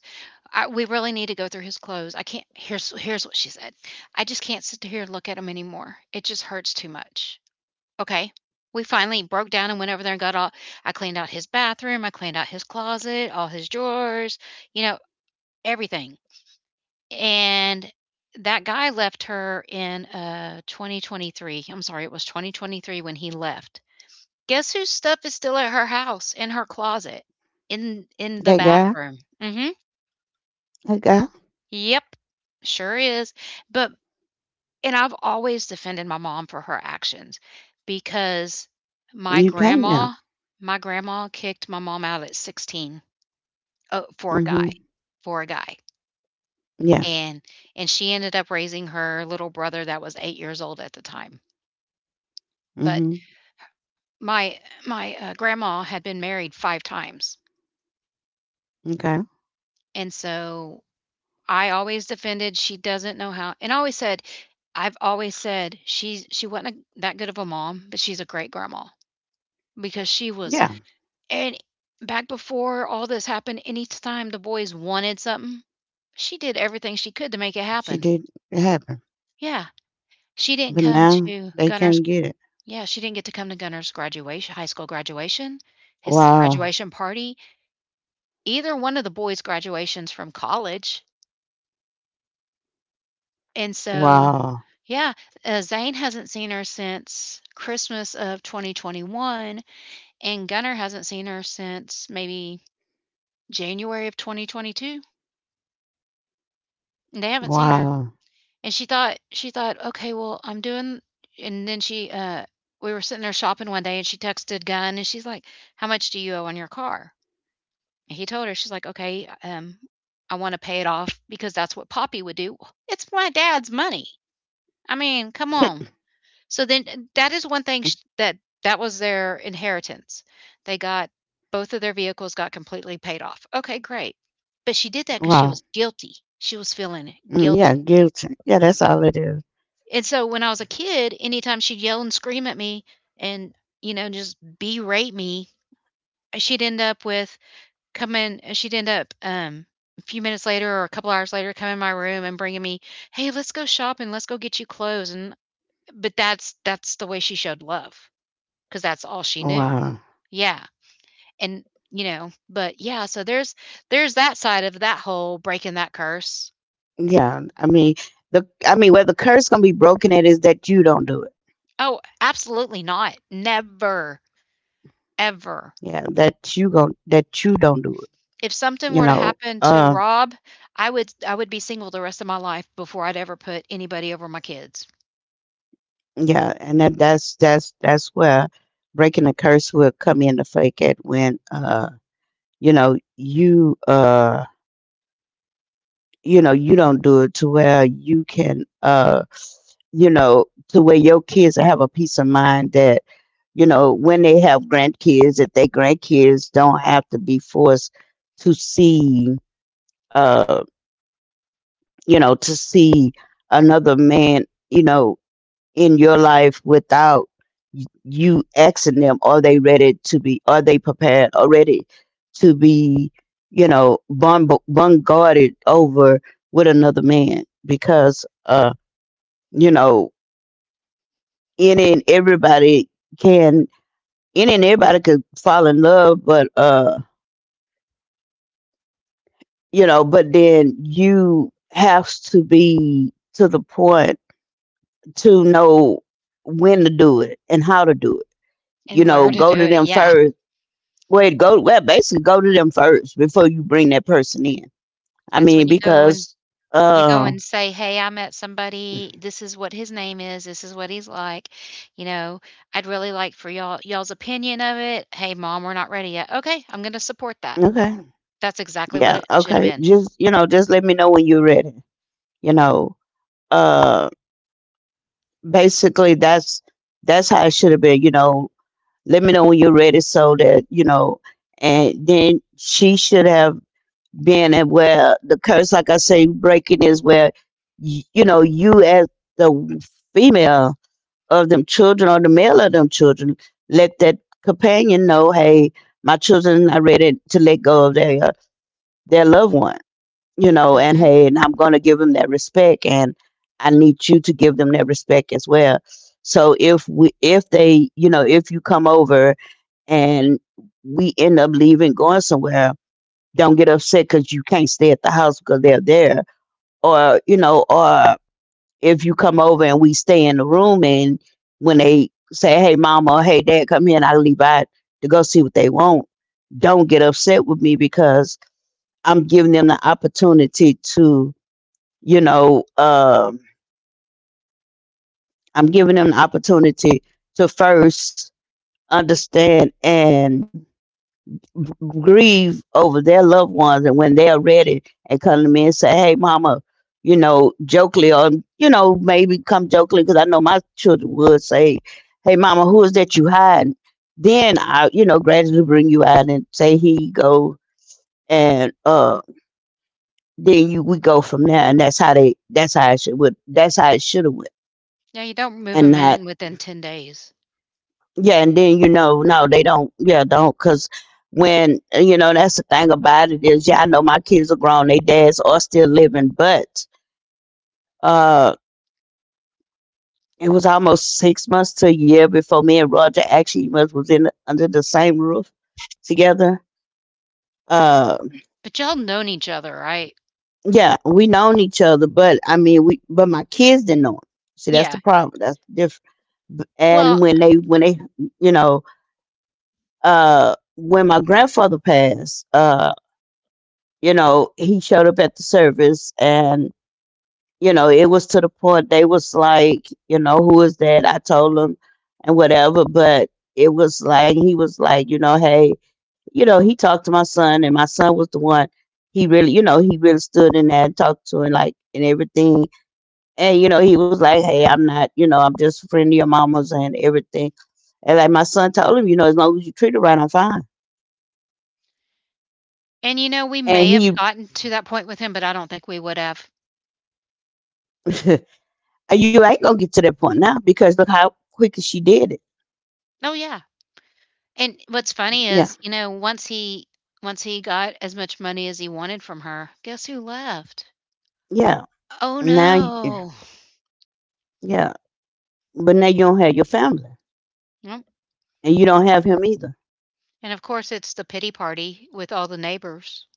Speaker 1: we really need to go through his clothes. I can't. Here's what she said. I just can't sit here and look at him anymore. It just hurts too much. Okay. We finally broke down and went over there and got all. I cleaned out his bathroom. I cleaned out his closet, all his drawers. You know, everything. And that guy left her in 2023. I'm sorry, it was 2023 when he left. Guess whose stuff is still at her house in her closet in the
Speaker 2: Hey guy,
Speaker 1: bathroom.
Speaker 2: hey guy,
Speaker 1: Yep, sure is. But and I've always defended my mom for her actions because my
Speaker 2: you came now.
Speaker 1: grandma my grandma kicked my mom out at 16, for a
Speaker 2: Mm-hmm.
Speaker 1: guy, for a guy.
Speaker 2: Yeah.
Speaker 1: And and she ended up raising her little brother that was 8 years old at the time.
Speaker 2: Mm-hmm.
Speaker 1: But my my grandma had been married 5 times.
Speaker 2: Okay.
Speaker 1: And so I always defended she doesn't know how, and I always said I've always said she wasn't a, that good of a mom, but she's a great grandma because she was.
Speaker 2: Yeah.
Speaker 1: And back before all this happened, anytime the boys wanted something, she did everything she could to make it
Speaker 2: She
Speaker 1: happen.
Speaker 2: did it happen.
Speaker 1: Yeah, she didn't
Speaker 2: But
Speaker 1: come
Speaker 2: now
Speaker 1: to
Speaker 2: they can't get it.
Speaker 1: She didn't get to come to Gunner's graduation, high school graduation, his
Speaker 2: Wow.
Speaker 1: graduation party, either one of the boys' graduations from college. And so
Speaker 2: Wow.
Speaker 1: yeah, Zane hasn't seen her since Christmas of 2021, and Gunnar hasn't seen her since maybe January of 2022. And They haven't seen her,
Speaker 2: Wow.
Speaker 1: and she thought, okay, well, I'm doing, and then she we were sitting there shopping one day, and she texted Gunn, and she's like, "How much do you owe on your car?" And he told her, she's like, "Okay, I want to pay it off because that's what Poppy would do. It's my dad's money. I mean, come on." So then that is one thing sh that that was their inheritance. They got both of their vehicles got completely paid off. Okay, great. But she did that because she
Speaker 2: Wow.
Speaker 1: was guilty. She was feeling
Speaker 2: Mm,
Speaker 1: guilty.
Speaker 2: yeah, guilty. Yeah, that's all it is.
Speaker 1: And so when I was a kid, anytime she'd yell and scream at me and, you know, just berate me, uh, she'd end up with she'd end up, a few minutes later or a couple hours later, come in my room and bringing me, "Hey, let's go shopping, let's go get you clothes," and but that's the way she showed love because that's all she knew.
Speaker 2: Wow.
Speaker 1: Yeah, and, so there's that side of that whole breaking that curse.
Speaker 2: Yeah, I mean, where the curse gonna be broken at is that you don't do it.
Speaker 1: Oh, absolutely not. Never, ever.
Speaker 2: Yeah, that you don't do it.
Speaker 1: If something
Speaker 2: You
Speaker 1: were to
Speaker 2: know.
Speaker 1: happen to Rob, I would be single the rest of my life before I'd ever put anybody over my kids.
Speaker 2: Yeah, and that's where breaking the curse will come in, to fake it, when, you know, you, you know, you don't do it, to where you can, you know, to where your kids have a peace of mind, that, you know, when they have grandkids, that their grandkids don't have to be forced to see, uh, you know, to see another man, you know, in your life, without you asking them, are they ready to be, are they prepared already to be, you know, bombarded over with another man? Because, you know, any and everybody can, any and everybody could fall in love, but, you know, but then you have to be to the point to know when to do it and how to do it. You
Speaker 1: And where
Speaker 2: know,
Speaker 1: to do
Speaker 2: go to
Speaker 1: it,
Speaker 2: them
Speaker 1: yeah.
Speaker 2: first. Wait, basically go to them first before you bring that person in. I
Speaker 1: That's when
Speaker 2: mean, because,
Speaker 1: you go
Speaker 2: uh
Speaker 1: and say, "Hey, I met somebody. This is what his name is. This is what he's like. You know, I'd really like for y'all's opinion of it. Hey, mom, we're not ready yet. Okay, I'm gonna support that."
Speaker 2: okay.
Speaker 1: That's exactly what
Speaker 2: Yeah,
Speaker 1: it should have
Speaker 2: okay.
Speaker 1: been.
Speaker 2: Just, you know, just let me know when you're ready. You know. Uh Basically that's how it should have been, you know. Let me know when you're ready, so that, you know, and then she should have, being at where the curse, like I say, breaking is where, you know, you, as the female of them children or the male of them children, let that companion know, hey, my children are ready to let go of their, their loved one, you know, and
Speaker 1: Mhm.
Speaker 2: hey, and I'm going to give them that respect, and I need you to give them that respect as well. So, if they, you know, if you come over and we end up leaving, going somewhere, don't get upset because you can't stay at the house because they're there, or, you know, or if you come over and we stay in the room, and when they say, hey mama, or hey dad, come here, and I leave out to go see what they want, don't get upset with me because I'm giving them the opportunity to, you know um I'm giving them the opportunity to first understand and grieve over their loved ones, and when they are ready and come to me and say, hey mama, you know, jokingly, or, you know, maybe come jokingly, because I know my children would say, hey mama, who is that you hiding, then I, gradually bring you out and say, here you go, and, then you we go from there, and that's how it should have went.
Speaker 1: Yeah, you don't move
Speaker 2: And
Speaker 1: 'em
Speaker 2: not
Speaker 1: in within 10 days.
Speaker 2: Yeah, and then, you know, no, they don't. Yeah, don't, because when, you know, that's the thing about it is, yeah, I know my kids are grown, they dads are still living, but, uh, it was almost 6 months to a year before me and Roger actually was in under the same roof together. Uh,
Speaker 1: But y'all known each other, right?
Speaker 2: yeah, we known each other, but I mean, we but my kids didn't know. Him. See, that's
Speaker 1: Yeah.
Speaker 2: the problem. That's the difference.
Speaker 1: Well,
Speaker 2: And when they when they you know when my grandfather passed. You know, he showed up at the service, and, you know, it was to the point they was like, you know, who is that? I told them and whatever, but it was like he was like, you know, hey, you know, he talked to my son, and my son was the one, he really stood in there and talked to him, like, and everything. And, you know, he was like, hey, I'm not, you know, I'm just a friend of your mama's, and everything. And like my son told him, you know, as long as you treat her right, I'm fine.
Speaker 1: and, you know, we
Speaker 2: And
Speaker 1: may have
Speaker 2: he
Speaker 1: gotten to that point with him, but I don't think we would have.
Speaker 2: and you ain't gonna get to that point now because look how quick she did it.
Speaker 1: Oh, yeah. And what's funny
Speaker 2: Yeah,
Speaker 1: is, you know, once he got as much money as he wanted from her, guess who left?
Speaker 2: yeah.
Speaker 1: Oh,
Speaker 2: Now, you,
Speaker 1: no.
Speaker 2: yeah, but now you don't have your family,
Speaker 1: Yep.
Speaker 2: and you don't have him either.
Speaker 1: And, of course, it's the pity party with all the neighbors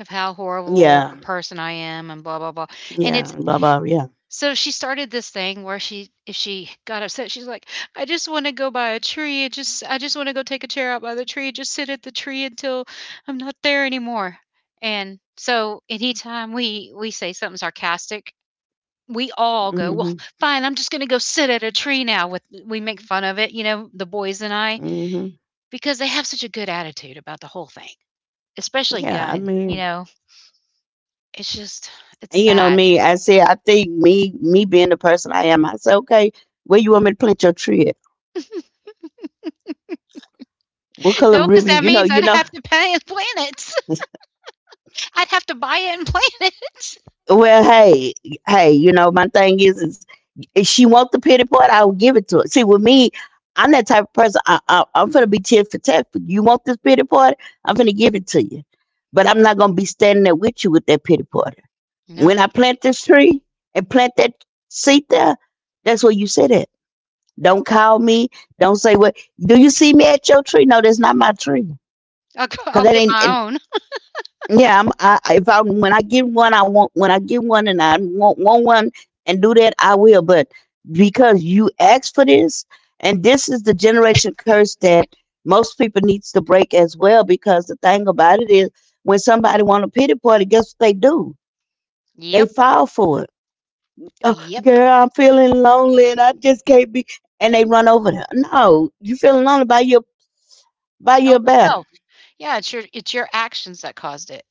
Speaker 1: of how horrible of a
Speaker 2: Yeah,
Speaker 1: person I am and blah, blah, blah. And
Speaker 2: yeah,
Speaker 1: it's
Speaker 2: blah blah. Yeah.
Speaker 1: So she started this thing where she if she got upset, she's like, "I just wanna go by a tree, I just wanna go take a chair out by the tree, just sit at the tree until I'm not there anymore." And so anytime we say something sarcastic, we all go, "Well,
Speaker 2: mm
Speaker 1: fine, I'm just gonna go sit at a tree now," with we make fun of it, you know, the boys and I,
Speaker 2: mm hmm
Speaker 1: because they have such a good attitude about the whole thing. Especially
Speaker 2: Yeah. I
Speaker 1: Gun,
Speaker 2: mean,
Speaker 1: you know? It's just it's
Speaker 2: and you know
Speaker 1: sad.
Speaker 2: me. I said, me being the person I am. I said, okay, where you want me to plant your tree at? What
Speaker 1: No,
Speaker 2: color
Speaker 1: because that
Speaker 2: ribbon? You know,
Speaker 1: means I'd
Speaker 2: you know.
Speaker 1: have to pay and plan it. I'd have to buy it and plant it.
Speaker 2: Well, hey. Hey, you know, my thing is if she wants the pity part, I'll give it to her. See, with me, I'm that type of person. I'm gonna be tit for tat. You want this pity party? I'm gonna give it to you. But I'm not gonna be standing there with you with that pity party. When
Speaker 1: Nope.
Speaker 2: I plant this tree and plant that seed there, that's where you sit at. Don't call me. Don't say what. Do you see me at your tree? No, that's not my tree.
Speaker 1: I'll go,
Speaker 2: Cause
Speaker 1: I'll
Speaker 2: that
Speaker 1: get
Speaker 2: ain't.
Speaker 1: my own.
Speaker 2: Yeah, if I when I get one, I want when I get one, and I want one and do that, I will. But because you asked for this, and this is the generation curse that most people needs to break as well. Because the thing about it is, when somebody want a pity party, guess what they do? They
Speaker 1: Yep.
Speaker 2: file for it. Oh,
Speaker 1: Yep.
Speaker 2: girl, I'm feeling lonely, and I just can't be. And they run over there. No, you feeling lonely? Buy your buy
Speaker 1: Oh,
Speaker 2: your bear.
Speaker 1: no. Yeah, it's your actions that caused it,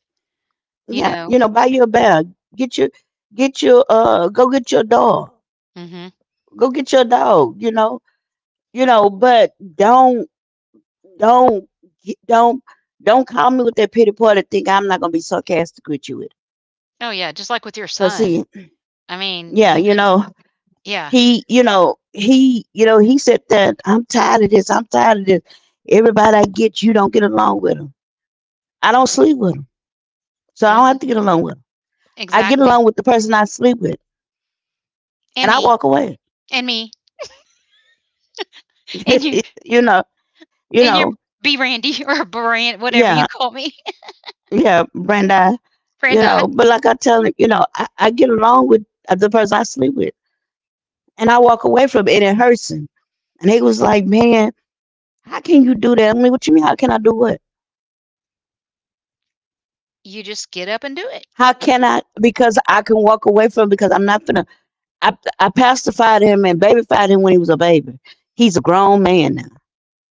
Speaker 1: you
Speaker 2: Yeah,
Speaker 1: know?
Speaker 2: you know, buy your bear. Get your get your go get your dog.
Speaker 1: Mhm.
Speaker 2: Go get your dog. But don't get- don't call me with that pity party. Think I'm not gonna be sarcastic with you with it.
Speaker 1: Oh, yeah, just like with your
Speaker 2: Cause
Speaker 1: son.
Speaker 2: see,
Speaker 1: I mean,
Speaker 2: yeah,
Speaker 1: you could Yeah.
Speaker 2: he said that I'm tired of this. I'm tired of this. Everybody I get, you don't get along with them. I don't sleep with them, so I
Speaker 1: Yeah,
Speaker 2: don't have to get along with them. I get
Speaker 1: exactly.
Speaker 2: along with the person I sleep with,
Speaker 1: And
Speaker 2: and I
Speaker 1: me,
Speaker 2: walk away.
Speaker 1: and me, and your
Speaker 2: you know, you
Speaker 1: and your
Speaker 2: know,
Speaker 1: B Randy or Brand whatever you
Speaker 2: yeah,
Speaker 1: call me,
Speaker 2: yeah, Brandi.
Speaker 1: Brandi.
Speaker 2: But like I tell him, I get along with the person I sleep with, and I walk away from it, and it hurts him. And he was like, "Man, how can you do that?" I mean, what you mean? How can I do what?
Speaker 1: You just get up and do it.
Speaker 2: How can I? Because I can walk away from it because I'm not gonna. I pacified him and babyfied him when he was a baby. He's a grown man now.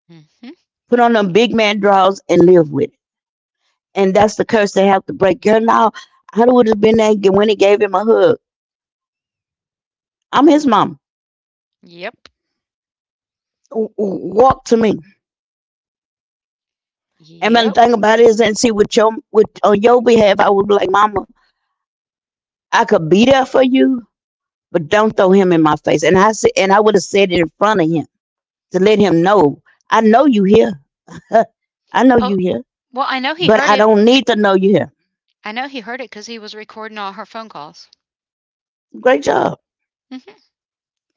Speaker 1: Mhm.
Speaker 2: Put on them big man drawers and live with it. And that's the curse they have to break. Girl, now I would have been there when he gave him a hug. I'm his mom.
Speaker 1: Yep.
Speaker 2: Walk to me. And
Speaker 1: Yep.
Speaker 2: the thing about it is, and see, with on your behalf, I would be like, Mama, I could be there for you, but don't throw him in my face. And I said, and I would have said it in front of him to let him know, I know you here, I know you
Speaker 1: Oh,
Speaker 2: here,
Speaker 1: well, I know he
Speaker 2: but
Speaker 1: heard
Speaker 2: I
Speaker 1: it
Speaker 2: don't
Speaker 1: be
Speaker 2: need to know you here.
Speaker 1: I know he heard it because he was recording all her phone calls.
Speaker 2: Great job.
Speaker 1: Mhm.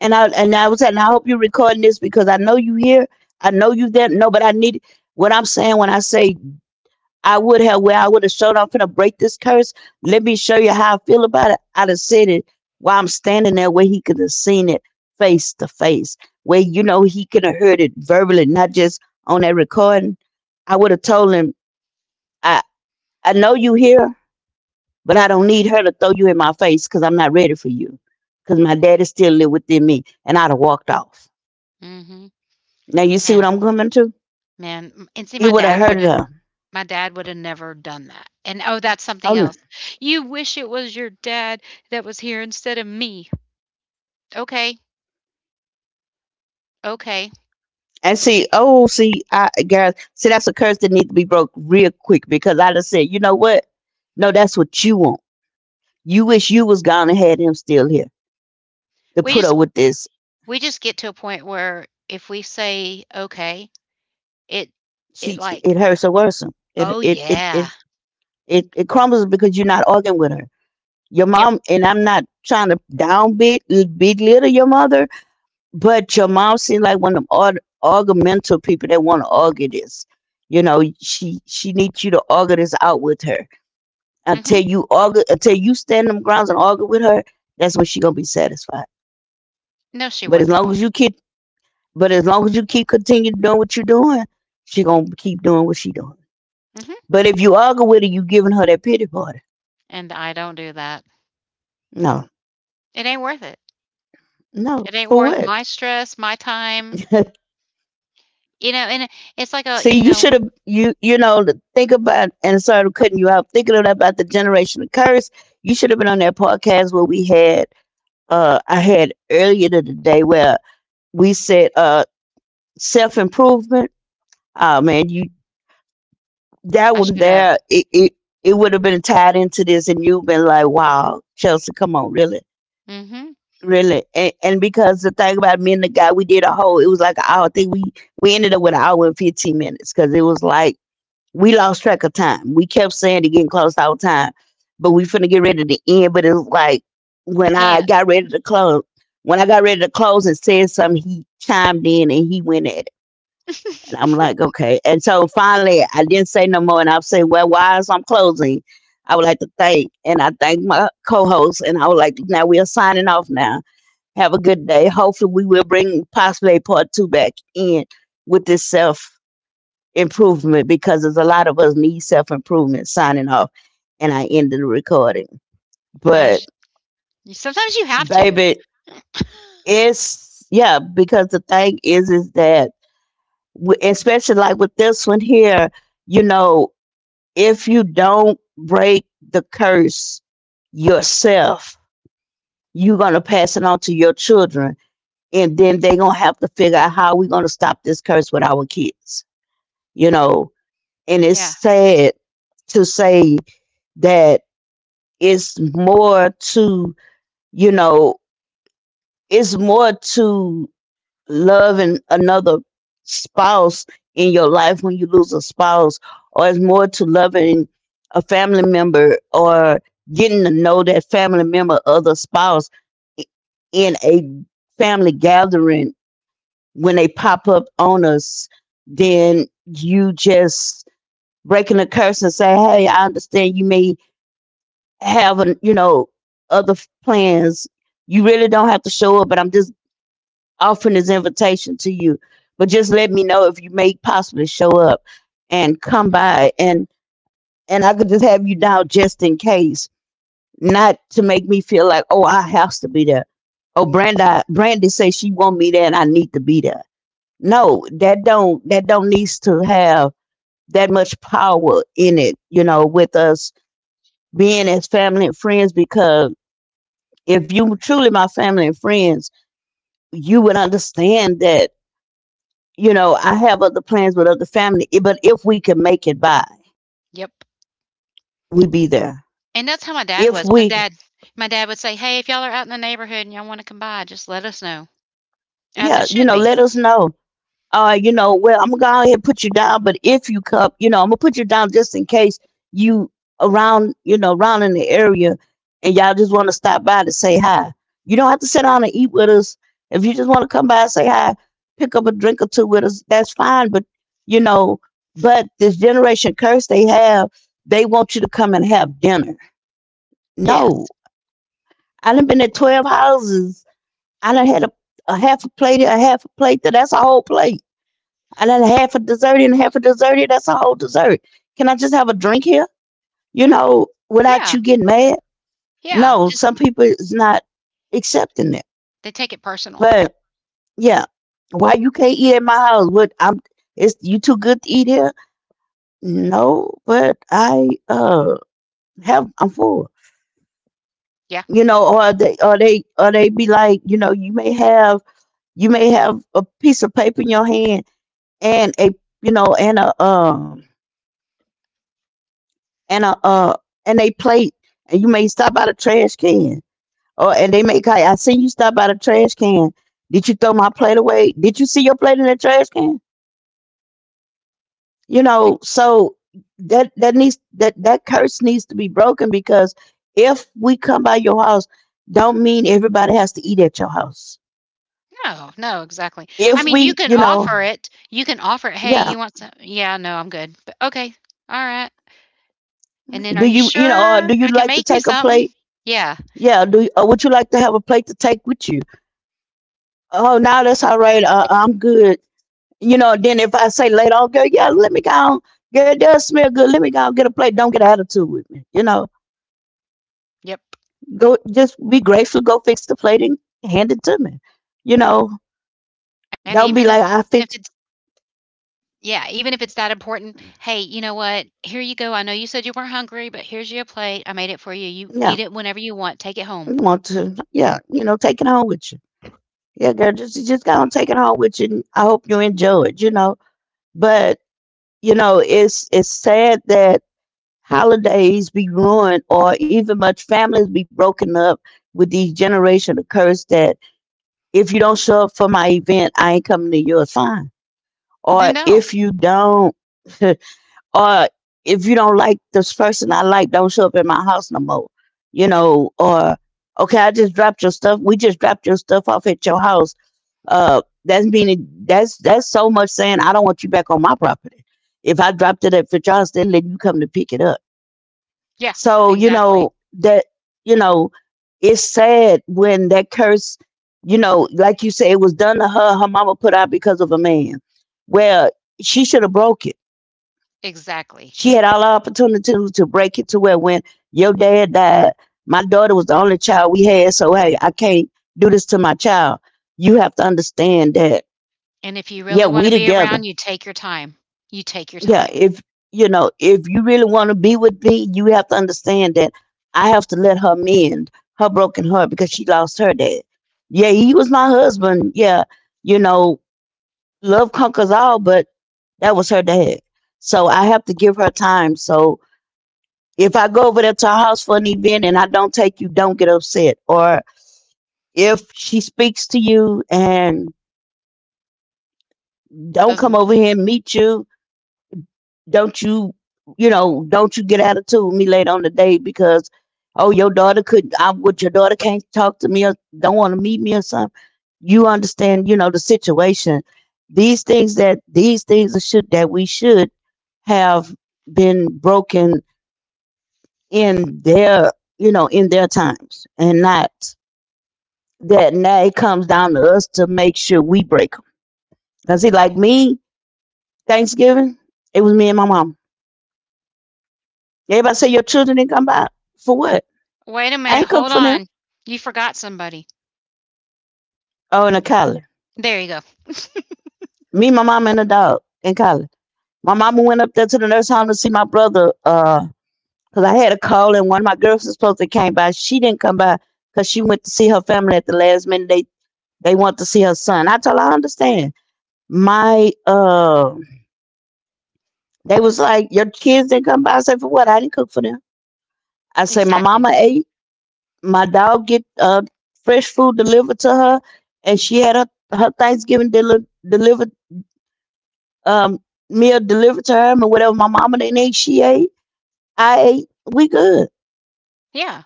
Speaker 2: And I was saying, I hope you're recording this because I know you here, I know you there. No, but I need what I'm saying when I say I would have showed I'm finna break this curse. Let me show you how I feel about it. I'd have said it while I'm standing there where he could have seen it face to face. Where you know he could have heard it verbally, not just on that recording. I would have told him, I, I know you here, but I don't need her to throw you in my face because I'm not ready for you. Because my daddy still live within me. And I'd have walked off.
Speaker 1: Mhm.
Speaker 2: Now you see what
Speaker 1: Man,
Speaker 2: I'm coming to?
Speaker 1: man, m and see,
Speaker 2: He
Speaker 1: my
Speaker 2: would have
Speaker 1: dad
Speaker 2: hurt
Speaker 1: wouldn't
Speaker 2: her.
Speaker 1: my dad woulda never done that, and oh, that's something
Speaker 2: Oh no.
Speaker 1: else. "You wish it was your dad that was here instead of me." Okay, okay.
Speaker 2: And see, oh, see, I guys, see, that's a curse that needs to be broke real quick because I just said, you know what? No, that's what you want. You wish you was gone and had him still here to
Speaker 1: We
Speaker 2: put
Speaker 1: just
Speaker 2: her with this.
Speaker 1: we just get to a point where if we say, "Okay," it it like,
Speaker 2: It hurts so worrisome.
Speaker 1: "Oh,
Speaker 2: It, it, it,
Speaker 1: yeah."
Speaker 2: it, it, it crumbles because you're not arguing with her. Your
Speaker 1: Yep,
Speaker 2: mom and I'm not trying to down bit belittle your mother, but your mom seemed like one of them argumental people that want to argue this. You know, she needs you to argue this out with her
Speaker 1: mhm.
Speaker 2: until you argue, until you stand them grounds and argue with her, that's when she gonna be satisfied.
Speaker 1: No, she
Speaker 2: But as
Speaker 1: wouldn't.
Speaker 2: long as you keep, but as long as you keep continue doing what you're doing, she gonna keep doing what she doing.
Speaker 1: Mhm,
Speaker 2: But if you argue with her, you giving her that pity party.
Speaker 1: and I don't do that.
Speaker 2: No,
Speaker 1: It ain't worth it.
Speaker 2: no,
Speaker 1: It ain't
Speaker 2: for
Speaker 1: worth
Speaker 2: what?
Speaker 1: my stress, my time, you know, and it- it's like a you
Speaker 2: See, you
Speaker 1: know,
Speaker 2: should have you you know to think about, and sorry to cutting you out. Thinking about the generational curse, you should have been on that podcast where we had I had earlier today where we said self improvement. Oh man, you
Speaker 1: I
Speaker 2: that
Speaker 1: should
Speaker 2: one
Speaker 1: have.
Speaker 2: there, it would have been tied into this, and you've been like, "Wow, Chelsea, come on, really,
Speaker 1: Mhm.
Speaker 2: really." And because the thing about me and the guy, we did a whole. It was like an hour thing. We ended up with an hour and 15 minutes because it was like we lost track of time. We kept saying it getting close all the time, but we finna get ready to end. But it was like
Speaker 1: You
Speaker 2: when I
Speaker 1: can't.
Speaker 2: got ready to close, when I got ready to close and said something, he chimed in and he went at it. I'm like, okay. And so finally, I didn't say no more. And I said, well, why is I'm closing? I would like to thank, and I thank my co-host, and I would like, now we are signing off now. Have a good day. Hopefully, we will bring possibly a part two back in with this self-improvement because there's a lot of us need self-improvement signing off. And I ended the recording.
Speaker 1: Uh
Speaker 2: But,
Speaker 1: Y sometimes you have to.
Speaker 2: baby, it's, yeah, because the thing is that, especially like with this one here, you know, if you don't break the curse yourself, you're going to pass it on to your children. And then they're going to have to figure out how we're going to stop this curse with our kids, you know. And it's
Speaker 1: Yeah.
Speaker 2: sad to say that it's more to, you know, it's more to loving another spouse in your life when you lose a spouse, or it's more to loving a family member or getting to know that family member of the spouse i- in a family gathering when they pop up on us, then you just breaking the curse and say, Hey, I understand you may have, other plans. You really don't have to show up, but I'm just offering his invitation to you. But just let me know if you may possibly show up and come by and I could just have you down just in case, not to make me feel like, oh, I have to be there. Oh, Brandi, Brandy says she want me there and I need to be there. No, that don't needs to have that much power in it, you know, with us being as family and friends because if you truly my family and friends, you would understand that I have other plans with other family, but if we can make it by,
Speaker 1: Yep.
Speaker 2: we be there.
Speaker 1: And that's how my dad
Speaker 2: If
Speaker 1: was.
Speaker 2: we,
Speaker 1: My dad would say, "Hey, if y'all are out in the neighborhood and y'all wanna come by, just let us know." As it
Speaker 2: yeah, you
Speaker 1: should
Speaker 2: know,
Speaker 1: be.
Speaker 2: let us know. Well, I'm gonna go ahead and put you down, but if you come, I'm gonna put you down just in case you around, around in the area, and y'all just want to stop by to say hi. You don't have to sit down and eat with us. If you just want to come by and say hi, pick up a drink or two with us, that's fine. You know, but this generation curse they have, they want you to come and have dinner.
Speaker 1: Yes.
Speaker 2: No, I done been at 12 houses. I done had a half a plate, a half a plate. That's a whole plate. I done had half a dessert and half a dessert here. That's a whole dessert. Can I just have a drink here? Without
Speaker 1: Yeah.
Speaker 2: you getting mad.
Speaker 1: Yeah.
Speaker 2: No, some
Speaker 1: Just
Speaker 2: people is not accepting it.
Speaker 1: they take it personal.
Speaker 2: But yeah, why you can't eat at my house? What I'm? It's you too good to eat here? No, but I have I'm full.
Speaker 1: Yeah.
Speaker 2: You know, or they be like, you may have a piece of paper in your hand and a and a and a uh plate, and you may stop by the trash can. Or and they may call you, I see you stop by the trash can. Did you throw my plate away? Did you see your plate in the trash can? You
Speaker 1: Like,
Speaker 2: know, so that curse needs to be broken because if we come by your house, don't mean everybody has to eat at your house.
Speaker 1: no, no, exactly. I
Speaker 2: If
Speaker 1: mean, you
Speaker 2: we,
Speaker 1: can
Speaker 2: you
Speaker 1: offer
Speaker 2: know,
Speaker 1: it. You can offer it, "Hey,
Speaker 2: yeah.
Speaker 1: you want some" "Yeah, no, I'm good." But, "Okay. Alright." And then, "Are
Speaker 2: Do
Speaker 1: you
Speaker 2: you, or
Speaker 1: sure?
Speaker 2: do
Speaker 1: I
Speaker 2: you
Speaker 1: can
Speaker 2: like to
Speaker 1: make you
Speaker 2: take a
Speaker 1: something."
Speaker 2: plate?
Speaker 1: Yeah.
Speaker 2: Yeah, would you like to have a plate to take with you? Oh, no, that's all right. I'm good. Then if I say later on, girl, yeah, let me go on. Girl, it does smell good. Let me go and get a plate. Don't get an attitude with me.
Speaker 1: Yep.
Speaker 2: Go just be grateful. Go fix the plate and hand it to me. You know,
Speaker 1: And even
Speaker 2: don't
Speaker 1: if
Speaker 2: be like
Speaker 1: it
Speaker 2: I fix.
Speaker 1: Yeah, even if it's that important, "Hey, you know what? Here you go. I know you said you weren't hungry, but here's your plate. I made it for you. You eat it
Speaker 2: Yeah,
Speaker 1: whenever you want. Take it home."
Speaker 2: you want to. Yeah, take it home with you. Yeah, girl, just go and take it home with you. And I hope you enjoy it. But it's sad that holidays be ruined or even much families be broken up with these generation of curse that if you don't show up for my event, I ain't coming to yours. Fine. Or
Speaker 1: Then don't.
Speaker 2: if you don't or if you don't like this person I like, don't show up at my house no more. Or okay, I just dropped your stuff we just dropped your stuff off at your house. Uh that's meaning that's that's so much saying I don't want you back on my property. If I dropped it at your house, then let you come to pick it up.
Speaker 1: Yeah,
Speaker 2: So,
Speaker 1: exactly.
Speaker 2: that, you know, it's sad when that curse, like you say, it was done to her. Her mama put out because of a man. Well, she should have broke it.
Speaker 1: Exactly.
Speaker 2: She had all the opportunity to break it to where when your dad died, my daughter was the only child we had. So, hey, I can't do this to my child. You have to understand that,
Speaker 1: And if you
Speaker 2: yeah,
Speaker 1: really
Speaker 2: we
Speaker 1: wanna be around,
Speaker 2: together.
Speaker 1: you take your time. You take your
Speaker 2: Yeah,
Speaker 1: time.
Speaker 2: if if you really want to be with me, you have to understand that I have to let her mend her broken heart because she lost her dad. Yeah, he was my husband. Yeah, you know love conquers all, but that was her dad. So I have to give her time. So if I go over there to her house for an event and I don't take you, don't get upset. Or if she speaks to you and don't come
Speaker 1: Doesn't
Speaker 2: over here and meet you, don't you don't you get attitude with me later on the day because, oh, your daughter couldn't I would your daughter can't talk to me or don't want to meet me or something. You understand, the situation. These things that should that we should have been broken in their in their times, and not that now it comes down to us to make sure we break. Because, see, like me, Thanksgiving it was me and my mom. Everybody say your children didn't come by. For what?
Speaker 1: Wait a
Speaker 2: I
Speaker 1: minute,
Speaker 2: ain't
Speaker 1: hold
Speaker 2: cook for them.
Speaker 1: on. You forgot somebody.
Speaker 2: Oh, in a collar.
Speaker 1: There you go.
Speaker 2: Me, my mom, and a dog in collar. My mama went up there to the nurse home to see my brother, 'cause I had a call, and one of my girls was supposed to came by. She didn't come by 'cause she went to see her family at the last minute. They want to see her son. I told her I understand. My They was like your kids didn't come by. I said for what? I didn't cook for them. I said my
Speaker 1: Exactly.
Speaker 2: mama ate. My dog get fresh food delivered to her, and she had her Thanksgiving deli- delivered um, meal delivered to her, and whatever my mama didn't eat, she ate. I ate. We good.
Speaker 1: Yeah.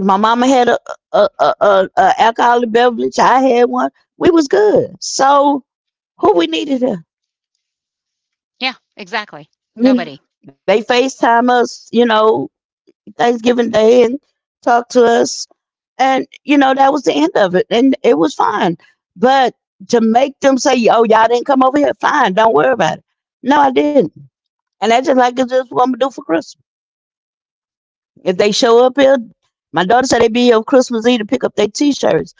Speaker 2: My mama had a alcoholic beverage. I had one. We was good. So who we needed her.
Speaker 1: Yeah, exactly.
Speaker 2: You
Speaker 1: Nobody.
Speaker 2: know, they FaceTime us. Thanksgiving Day and talk to us, and that was the end of it, and it was fine. But to make them say, "Oh, y'all didn't come over here," fine. Don't worry about it. No, I didn't, and that's just like it's just what I'm gonna do for Christmas. If they show up here, my daughter said they be here on Christmas Eve to pick up their t-shirts.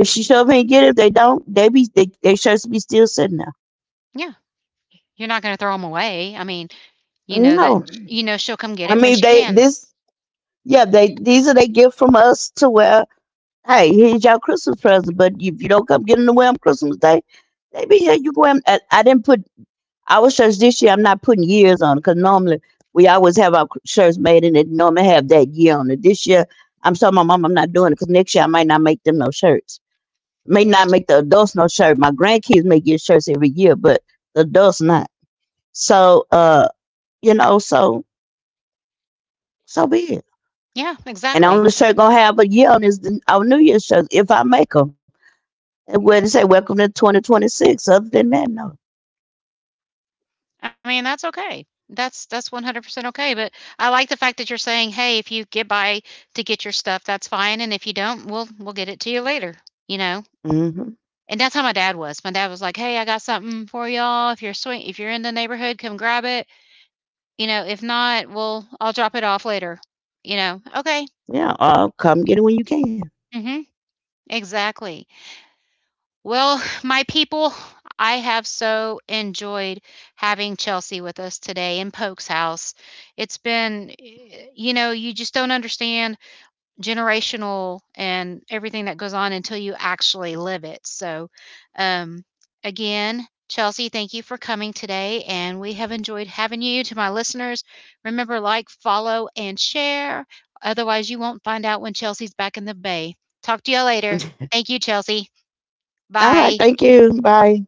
Speaker 2: If she show up here and get it, if they don't, they be they shirts be still sitting there.
Speaker 1: Yeah. You're not gonna throw them away. I mean, you know
Speaker 2: No,
Speaker 1: that you know she'll come get
Speaker 2: I
Speaker 1: it when
Speaker 2: mean
Speaker 1: she
Speaker 2: they
Speaker 1: can.
Speaker 2: this yeah, they these are they gift from us to where, hey, here's your Christmas present, but if you don't come get in the way on Christmas Day, they be here. You go in. I didn't put our shirts this year. I'm not putting years on because normally we always have our shirts made and it normally have that year on it. This year I'm telling my mom I'm not doing it because next year I might not make them no shirts, may not
Speaker 1: That's
Speaker 2: make the adults no shirt. My grandkids may get shirts every year, but the adults not. So, you know, so so be it.
Speaker 1: Yeah,
Speaker 2: And the
Speaker 1: exactly.
Speaker 2: only shirt gonna have a year on is our New Year's shirt if I make them. And where they say welcome to 2026. Other than that, no.
Speaker 1: I mean, that's okay. That's 100% okay, but I like the fact that you're saying, "Hey, if you get by to get your stuff, that's fine, and if you don't, we'll get it to you later," you know?
Speaker 2: Hmm.
Speaker 1: And that's how my dad was. My dad was like, "Hey, I got something for y'all. If you're in the neighborhood, come grab it. You know, if not, we'll I'll drop it off later." You know? Okay.
Speaker 2: Yeah, come get it when you can.
Speaker 1: Mm mhm. Exactly. Well, my people, I have so enjoyed having Chelsea with us today in Polk's house. It's been, eh, you know, you just don't understand generational and everything that goes on until you actually live it. So, um, again, Chelsea, thank you for coming today. And we have enjoyed having you. To my listeners, remember, like, follow, and share. Otherwise, you won't find out when Chelsea's back in the Bay. Talk to you later. Thank you, Chelsea.
Speaker 2: All right,
Speaker 1: Bye.
Speaker 2: thank you. Bye.